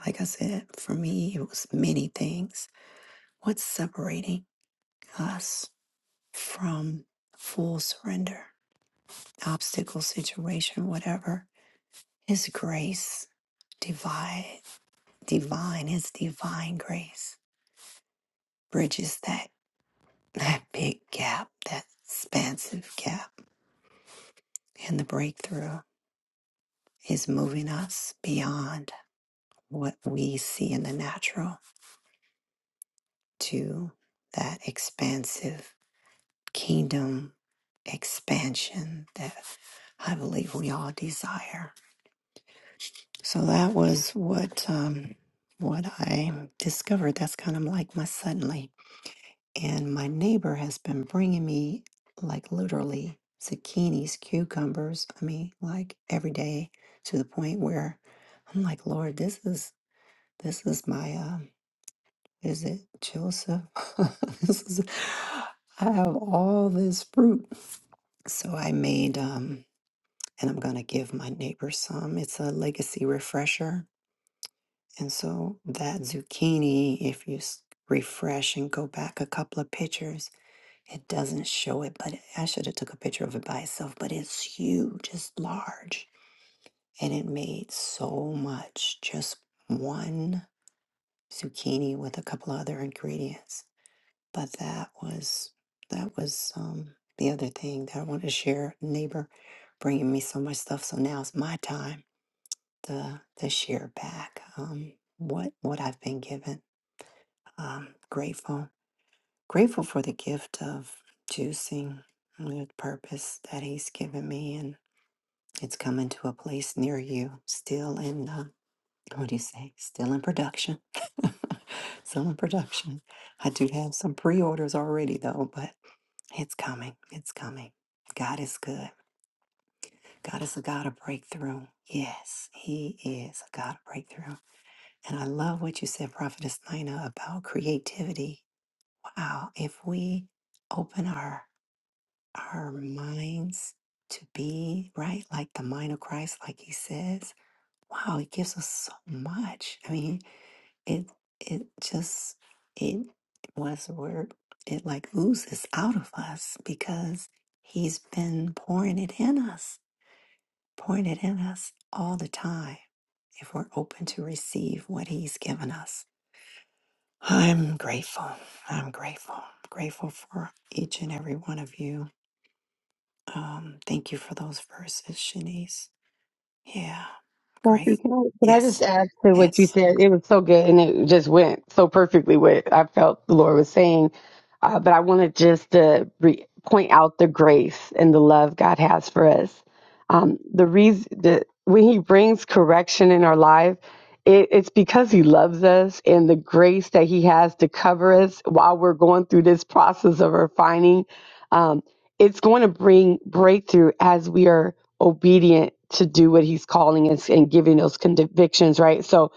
[SPEAKER 1] like I said, for me, it was many things. What's separating us from full surrender, obstacle, situation, whatever? His grace, divine, divine, His divine grace bridges that, that big gap, that expansive gap. And the breakthrough is moving us beyond what we see in the natural to that expansive kingdom expansion that I believe we all desire. So that was what um, what I discovered. That's kind of like my suddenly. And my neighbor has been bringing me like literally zucchinis, cucumbers. I mean, like every day to the point where I'm like, Lord, this is this is my um Is it Joseph? this is, I have all this fruit. So I made, um, and I'm going to give my neighbors some. It's a legacy refresher. And so that zucchini, if you s- refresh and go back a couple of pictures, it doesn't show it, but I should have took a picture of it by itself, but it's huge, it's large, and it made so much just one zucchini with a couple of other ingredients. but that was that was um the other thing that I wanted to share. Neighbor bringing me so much stuff, so now it's my time to to share back um what what I've been given. Um, grateful, grateful for the gift of juicing, the purpose that He's given me, and it's coming to a place near you. Still in uh, what do you say? Still in production. still in production. I do have some pre-orders already though, but It's coming. It's coming. God is good. God is a God of breakthrough. Yes, He is a God of breakthrough. And I love what you said, Prophetess Nina, about creativity. Wow. If we open our our minds to be right, like the mind of Christ, like He says, wow, it gives us so much. I mean, It it just it was the word. It like oozes out of us because he's been pouring it in us, pouring it in us all the time. If we're open to receive what he's given us. I'm grateful. I'm grateful. Grateful for each and every one of you. Um, thank you for those verses, Shanice. Yeah, great.
[SPEAKER 3] Kathy, can I, can I just
[SPEAKER 1] Yes,
[SPEAKER 3] add to what you
[SPEAKER 1] yes.
[SPEAKER 3] said? It was so good and it just went so perfectly what I felt the Lord was saying. Uh, but I wanted just to re- point out the grace and the love God has for us. Um, the reason that when He brings correction in our life, it, it's because He loves us and the grace that He has to cover us while we're going through this process of refining. Um, it's going to bring breakthrough as we are obedient to do what he's calling us and giving those convictions, right? So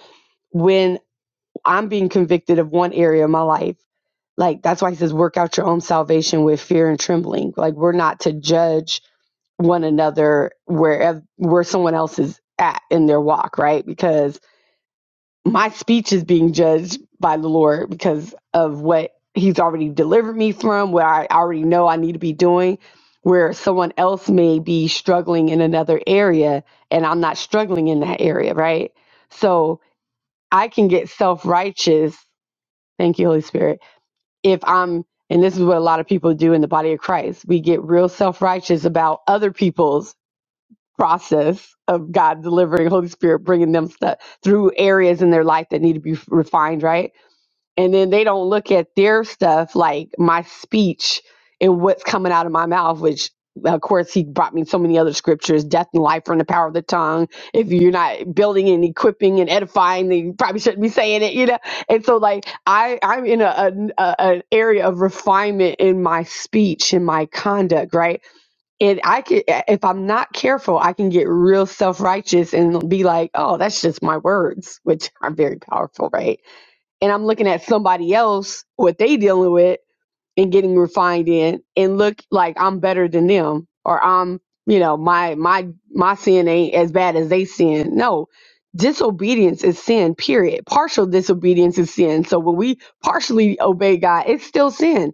[SPEAKER 3] when I'm being convicted of one area of my life, like that's why he says, work out your own salvation with fear and trembling. Like we're not to judge one another where where someone else is at in their walk, right? Because my speech is being judged by the Lord because of what He's already delivered me from, What I already know I need to be doing, where someone else may be struggling in another area and I'm not struggling in that area, right? So I can get self righteous. Thank you, Holy Spirit. If I'm, and this is what a lot of people do in the body of Christ, we get real self righteous about other people's process of God delivering, Holy Spirit bringing them stuff through areas in their life that need to be refined, right? and then they don't look at their stuff like my speech and what's coming out of my mouth which of course he brought me so many other scriptures death and life are in the power of the tongue if you're not building and equipping and edifying then you probably shouldn't be saying it you know and so like i i'm in a, a, a an area of refinement in my speech and my conduct right and i could if i'm not careful i can get real self-righteous and be like oh that's just my words which are very powerful right and I'm looking at somebody else what they dealing with and getting refined in and look like I'm better than them or I'm you know my my my sin ain't as bad as they sin. No, disobedience is sin. Period. Partial disobedience is sin. So when we partially obey God, it's still sin.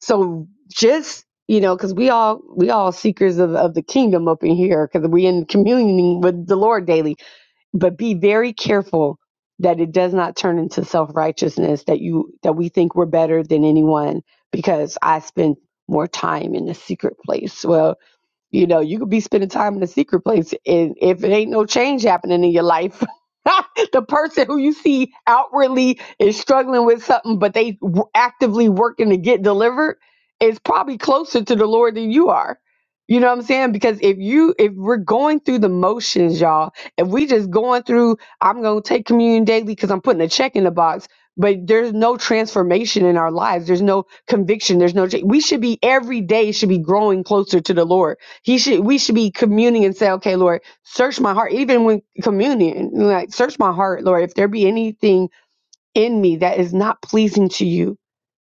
[SPEAKER 3] So just you know because we all we all seekers of, of the kingdom up in here because we in communing with the lord daily but be very careful that it does not turn into self-righteousness that you that we think we're better than anyone because i spend more time in the secret place Well. You know, you could be spending time in the secret place, and if it ain't no change happening in your life, the person who you see outwardly is struggling with something, but they w- actively working to get delivered, is probably closer to the Lord than you are. You know what I'm saying? Because if you if we're going through the motions, y'all, if we just going through, I'm gonna take communion daily because I'm putting a check in the box. But there's no transformation in our lives. There's no conviction. There's no. cha- We should be every day should be growing closer to the Lord he should we should be communing and say, Okay, Lord, search my heart. Even when communion, like search my heart, Lord. If there be anything in me that is not pleasing to you,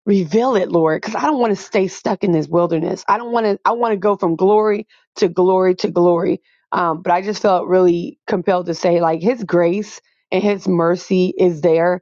[SPEAKER 3] reveal it, Lord. Because I don't want to stay stuck in this wilderness. I don't want to I want to go from glory to glory to glory. Um, but I just felt really compelled to say, like, his grace and his mercy is there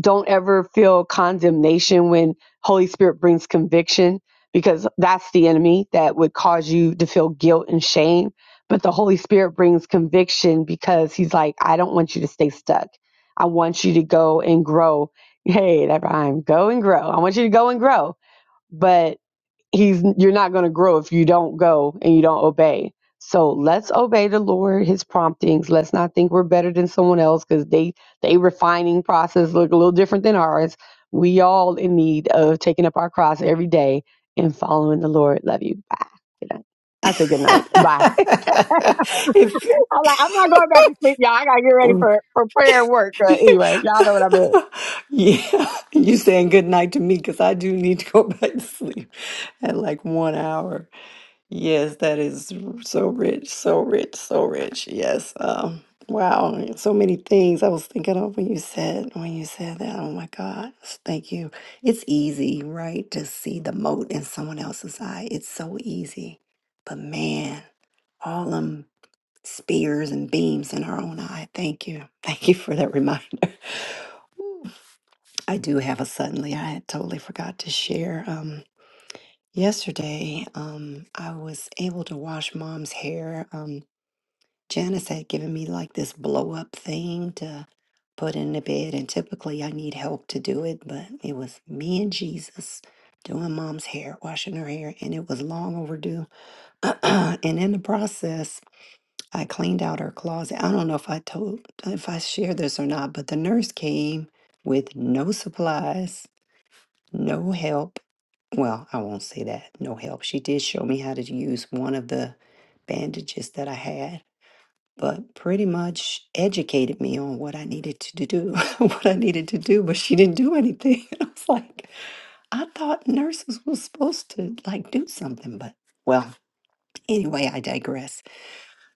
[SPEAKER 3] don't ever feel condemnation when holy spirit brings conviction because that's the enemy that would cause you to feel guilt and shame but the holy spirit brings conviction because he's like i don't want you to stay stuck i want you to go and grow hey that rhyme go and grow i want you to go and grow but he's you're not going to grow if you don't go and you don't obey so let's obey the lord his promptings let's not think we're better than someone else because they they refining process look a little different than ours we all in need of taking up our cross every day and following the lord love you bye good night i say good night bye
[SPEAKER 1] if
[SPEAKER 3] i'm like i'm not going back to sleep y'all i gotta get ready for for prayer and work but anyway y'all know what i meant
[SPEAKER 1] Yeah, you saying good night to me because I do need to go back to sleep at like one hour. Yes, that is r- so rich, so rich, so rich. Yes. Um, wow, so many things I was thinking of when you said when you said that. Oh my God, s- thank you. It's easy, right, to see the mote in someone else's eye. It's so easy, but man, all them spears and beams in our own eye. Thank you, thank you for that reminder. I do have a suddenly. I had totally forgot to share. Um, yesterday, um, I was able to wash mom's hair. Um, Janice had given me like this blow up thing to put in the bed, and typically I need help to do it, but it was me and Jesus doing mom's hair, washing her hair, and it was long overdue. and in the process, I cleaned out her closet. I don't know if I told, if I shared this or not, but the nurse came with no supplies no help. Well, I won't say that. No help. She did show me how to use one of the bandages that I had, but pretty much educated me on what I needed to do, what I needed to do, but she didn't do anything. I was like, I thought nurses was supposed to like do something, but well, anyway, I digress.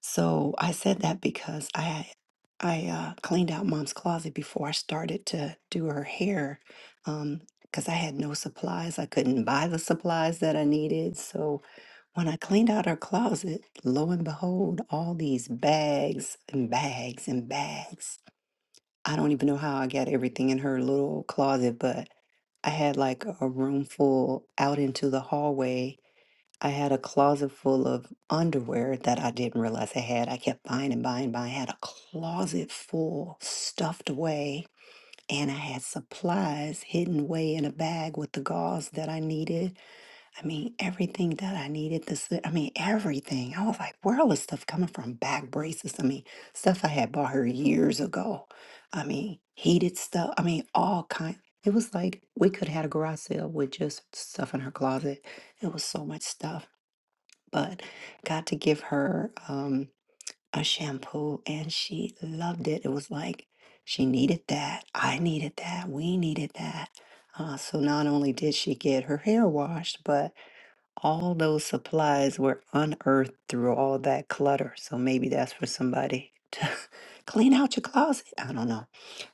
[SPEAKER 1] So I said that because I I uh, cleaned out mom's closet before I started to do her hair um, because I had no supplies. I couldn't buy the supplies that I needed. So when I cleaned out her closet, lo and behold, all these bags and bags and bags. I don't even know how I got everything in her little closet, but I had like a room full out into the hallway I had a closet full of underwear that I didn't realize I had. I kept buying and buying and buying. I had a closet full stuffed away, and I had supplies hidden away in a bag with the gauze that I needed. I mean, everything that I needed. This, I mean, everything. I was like, where all this stuff coming from? Back braces. I mean, stuff I had bought her years ago. I mean, heated stuff. I mean, all kind. It was like we could have had a garage sale with just stuff in her closet. It was so much stuff but got to give her um, a shampoo and she loved it. It was like she needed that. I needed that. We needed that. Uh, so not only did she get her hair washed, but all those supplies were unearthed through all that clutter. So maybe that's for somebody to clean out your closet. I don't know.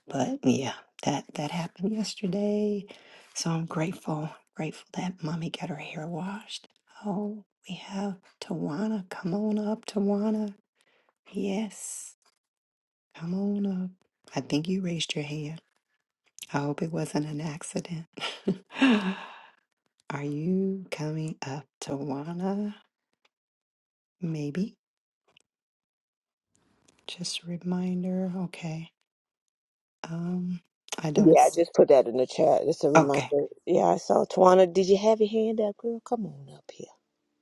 [SPEAKER 1] But yeah, that that happened yesterday. So I'm grateful, grateful that mommy got her hair washed. Oh, we have Tawana. Come on up, Tawana. Yes, come on up. I think you raised your hand. I hope it wasn't an accident. Are you coming up, Tawana? Maybe. Just a reminder. Okay. Um, I don't.
[SPEAKER 2] Yeah, I
[SPEAKER 1] s-
[SPEAKER 2] just put that in the chat. It's a
[SPEAKER 1] Okay.
[SPEAKER 2] reminder. Yeah, I saw Tawana. Did you have your hand up, girl? Come on up here.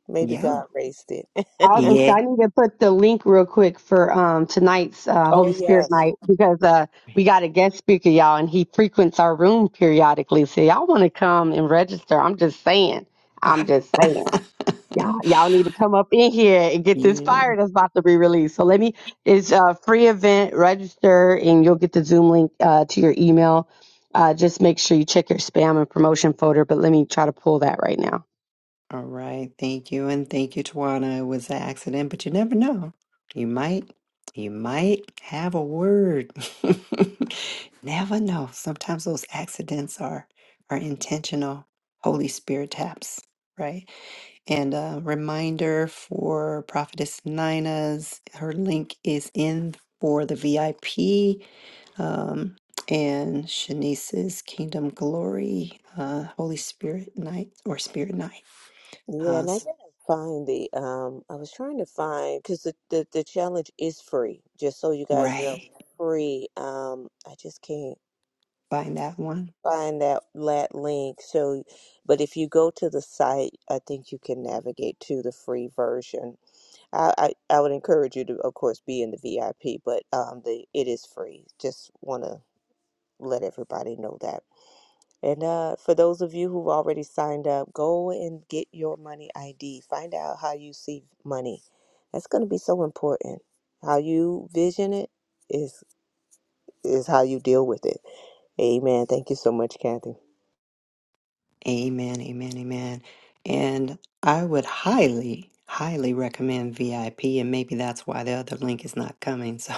[SPEAKER 2] Maybe
[SPEAKER 1] Yeah.
[SPEAKER 2] God raised it.
[SPEAKER 3] I was gonna say
[SPEAKER 1] Yeah.
[SPEAKER 3] I need to put the link real quick for um tonight's uh,
[SPEAKER 2] Oh
[SPEAKER 3] Holy Spirit
[SPEAKER 2] yes.
[SPEAKER 3] night because uh we got a guest speaker, y'all, and he frequents our room periodically. So y'all want to come and register? I'm just saying. I'm just saying. Y'all, y'all need to come up in here and get this
[SPEAKER 1] Yeah.
[SPEAKER 3] fire that's about to be released. So let me. It's a free event. Register and you'll get the Zoom link uh, to your email. Uh, just make sure you check your spam and promotion folder. But let me try to pull that right now.
[SPEAKER 1] All right. Thank you. And thank you, Tawana. It was an accident, but you never know. You might, you might have a word. never know. Sometimes those accidents are are intentional Holy Spirit taps, right? And a reminder for Prophetess Nina's, her link is in for the VIP um, and Shanice's Kingdom Glory, uh, Holy Spirit Night or Spirit Night.
[SPEAKER 2] Yeah,
[SPEAKER 1] Uh,
[SPEAKER 2] and I
[SPEAKER 1] s-
[SPEAKER 2] didn't find the um I was trying to find because the, the the challenge is free, just so you guys know,
[SPEAKER 1] right.
[SPEAKER 2] free. Um I just can't
[SPEAKER 1] Find that one.
[SPEAKER 2] find that lat link. So but if you go to the site, I think you can navigate to the free version. I, I I would encourage you to, of course, be in the VIP, but um, the it is free. Just want to let everybody know that. And uh, for those of you who've already signed up, go and get your money ID. Find out how you see money. That's going to be so important. How you vision it is is how you deal with it. Amen. Thank you so much, Kathy.
[SPEAKER 1] Amen, amen, amen. And I would highly, highly recommend VIP, and maybe that's why the other link is not coming.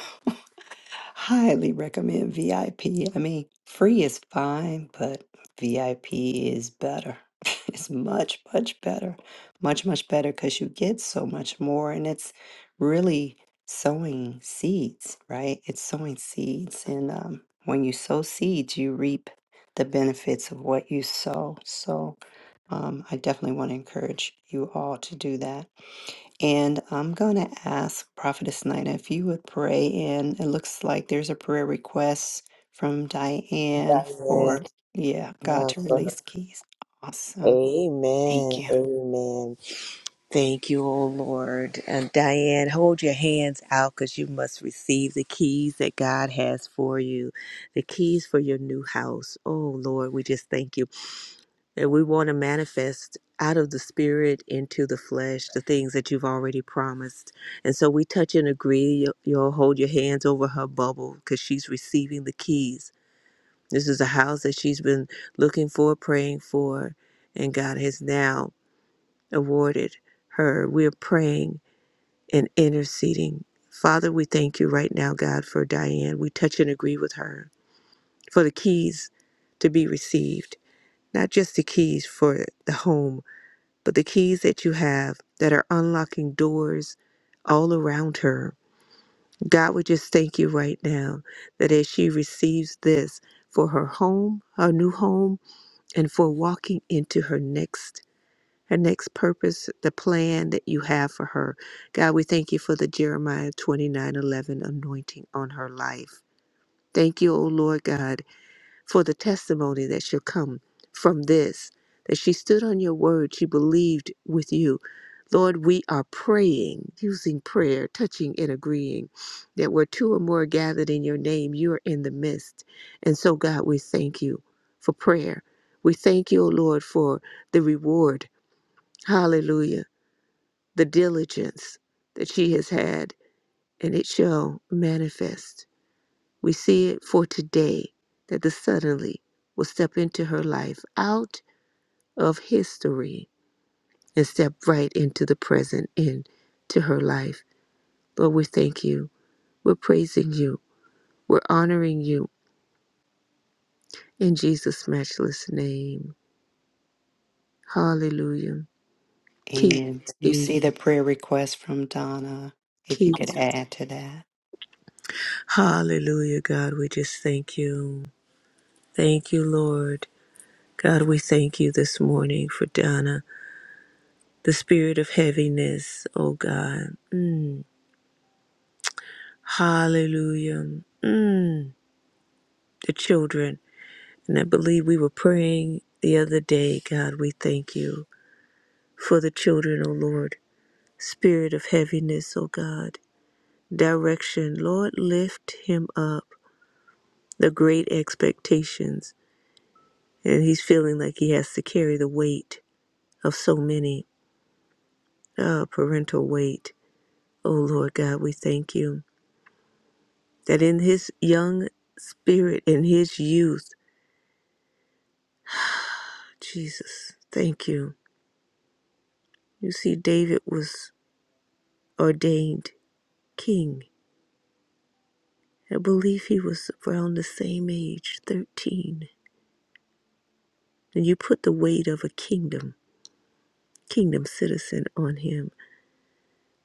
[SPEAKER 1] Highly recommend VIP. I P. I mean, free is fine, but VIP is better. it's much, much better. Much, much better because you get so much more. And it's really sowing seeds, right? It's sowing seeds. And um, when you sow seeds, you reap the benefits of what you sow. So um, I definitely want to encourage you all to do that. And I'm going to ask Prophetess Nina if you would pray And It looks like there's a prayer request from Diane
[SPEAKER 2] Diane.
[SPEAKER 1] for, yeah, God
[SPEAKER 2] yeah,
[SPEAKER 1] to
[SPEAKER 2] for
[SPEAKER 1] release keys. Awesome. Thank
[SPEAKER 2] Amen.
[SPEAKER 1] you.
[SPEAKER 2] Amen. Thank you, O Lord. And Diane, hold your hands out because you must receive the keys that God has for you, the keys for your new house. Oh, Lord, we just thank you. And we want to manifest out of the spirit into the flesh the things that you've already promised. And so we touch and agree. You'll you'll hold your hands over her bubble because she's receiving the keys. This is a house that she's been looking for, praying for, and God has now awarded her. We're praying and interceding. Father, we thank you right now, God, for Diane. We touch and agree with her for the keys to be received, not just the keys for the home, but the keys that you have that are unlocking doors all around her. God, we just thank you right now that as she receives this for her home, her new home, and for walking into her next her next purpose, the plan that you have for her. God, we thank you for the Jeremiah 29 11 anointing on her life. Thank you, O Lord God, for the testimony that shall come from this, that she stood on your word, she believed with you. Lord, we are praying, using prayer, touching and agreeing that where two or more are gathered in your name, you are in the midst. And so, God, we thank you for prayer. We thank you, O Lord, for the reward. Hallelujah the diligence that she has had, and it shall manifest. We see it for today that the suddenly will step into her life out of history and step right into the present into her life. Lord, we thank you. We're praising you. We're honoring you in Jesus' matchless name. Hallelujah. Keep,
[SPEAKER 1] Amen. You
[SPEAKER 2] keep,
[SPEAKER 1] see the prayer request from Donna, if you
[SPEAKER 2] keep.
[SPEAKER 1] could add to that.
[SPEAKER 2] Hallelujah, God. We just thank you. Thank you, Lord. God, we thank you this morning for Donna, the spirit of heaviness, oh God. Mm. Hallelujah. Mm. The children. And I believe we were praying the other day, God, we thank you for the children, oh Lord. Spirit of heaviness, oh God. Direction. Lord, lift him up. The great expectations. And he's feeling like he has to carry the weight of so many, uh, parental weight. Oh Lord God, we thank you. that in his young spirit, in his youth, Jesus, thank you. You see, David was ordained king. I believe he was around the same age, 13. And you put the weight of a kingdom, kingdom citizen on him.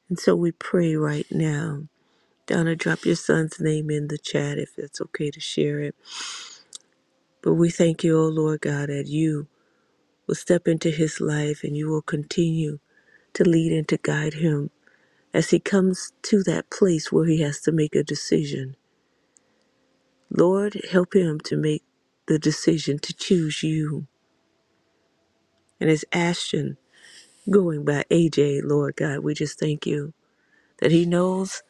[SPEAKER 2] And so we pray right now. Donna, drop your son's name in the chat if it's okay to share it. But we thank you, O Lord God, that you will step into his life and you will continue to lead and to guide him as he comes to that place where he has to make a decision. Lord, help him to make the decision to choose you. And as Ashton going by AJ, Lord God, we just thank you that he knows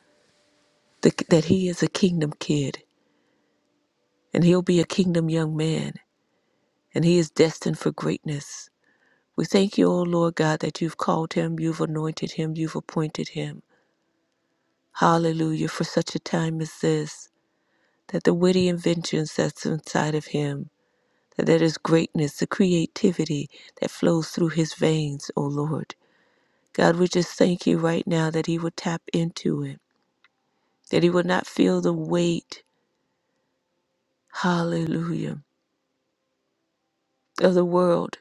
[SPEAKER 2] that, that he is a kingdom kid and he'll be a kingdom young man and he is destined for greatness. We thank you, O Lord God, that you've called him, you've anointed him, you've appointed him. Hallelujah, for such a time as this, that the witty inventions that's inside of him that there is greatness, the creativity that flows through his veins, O Lord. God, we just thank you right now that he would tap into it, that he would not feel the weight, hallelujah, of the world,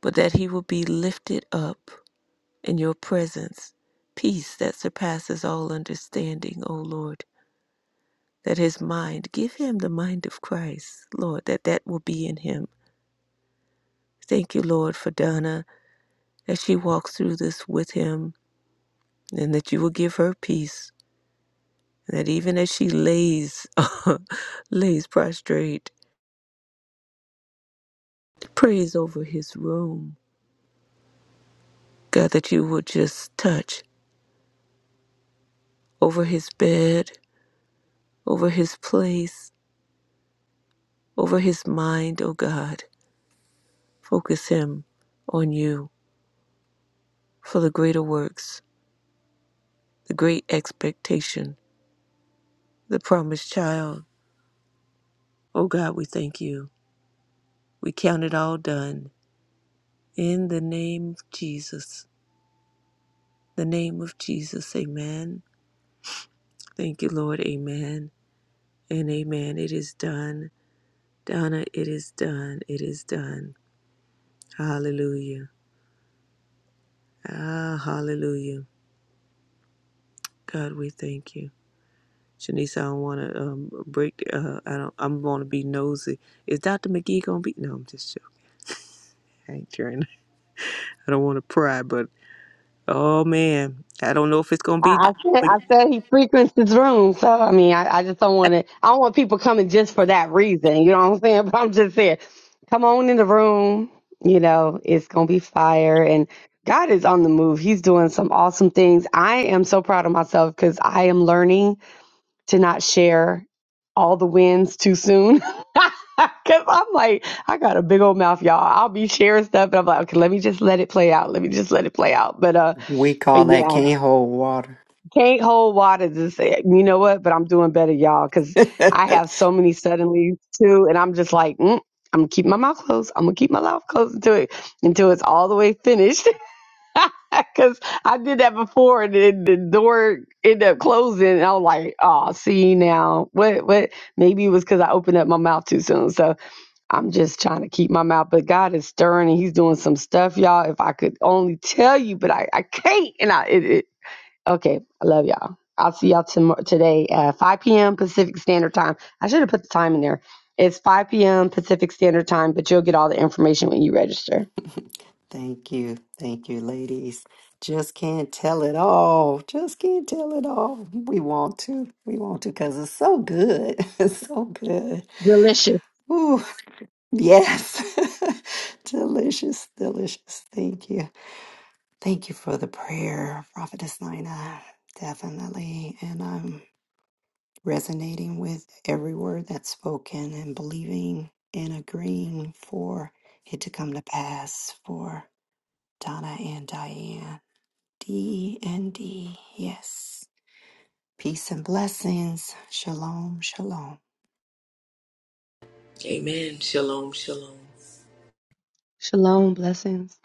[SPEAKER 2] but that he will be lifted up in your presence. Peace that surpasses all understanding, O Lord. That his mind, give him the mind of Christ, Lord, that that will be in him. Thank you, Lord, for Donna, as she walks through this with him and that you will give her peace. And that even as she lays, lays prostrate, prays over his room, God, that you will just touch over his bed, over his place, over his mind, oh God. Focus him on you for the greater works, the great expectation, the promised child. Oh God, we thank you. We count it all done. In the name of Jesus, the name of Jesus, amen Thank you, Lord. Amen and amen. It is done. Donna, it is done. It is done. Hallelujah. Ah, hallelujah. God, we thank you. Shanice, I don't want to um, break. Uh, I don't. I'm going to be nosy. Is Dr. McGee going to be? No, I'm just joking. I ain't trying. I don't want to pry, but oh man, I don't know if it's going to be.
[SPEAKER 3] I, I said I
[SPEAKER 2] Mc-
[SPEAKER 3] said he frequents this room, so I mean I, I just don't want to. I don't want people coming just for that reason. You know what I'm saying? But I'm just saying, come on in the room. You know it's gonna be fire, and God is on the move. He's doing some awesome things. I am so proud of myself because I am learning to not share all the wins too soon. Cause I'm like, I got a big old mouth, y'all. I'll be sharing stuff, and I'm like, okay, let me just let it play out. Let me just let it play out. But uh,
[SPEAKER 1] We
[SPEAKER 3] but
[SPEAKER 1] call
[SPEAKER 3] yeah.
[SPEAKER 1] that can't hold water.
[SPEAKER 3] Can't hold water to say, you know what, but I'm doing better, y'all, because I have so many suddenly too. And I'm just like, mm, I'm going to keep my mouth closed. I'm going to keep my mouth closed until, it, until it's all the way finished. Because I did that before and then the door ended up closing. And I was like, oh, see now, what, what? Maybe it was because I opened up my mouth too soon. So I'm just trying to keep my mouth. But God is stirring and He's doing some stuff, y'all. If I could only tell you, but I, I can't. And I, it, Okay, I love y'all. I'll see y'all tomorrow today at 5 p.m. Pacific Standard Time. I should have put the time in there. It's 5 p.m. Pacific Standard Time, but you'll get all the information when you register.
[SPEAKER 1] Thank you. Thank you, ladies. Just can't tell it all. Just can't tell it all. We want to. We want to because it's so good. It's so good.
[SPEAKER 3] Delicious.
[SPEAKER 1] Ooh, yes. delicious, delicious. Thank you. Thank you for the prayer, Prophetess Nina. Definitely. And I'm resonating with every word that's spoken and believing and agreeing for it to come to pass for Donna and Diane. D and D. Yes. Peace and blessings. Shalom, shalom.
[SPEAKER 2] Amen. Shalom, shalom.
[SPEAKER 3] Shalom. Blessings.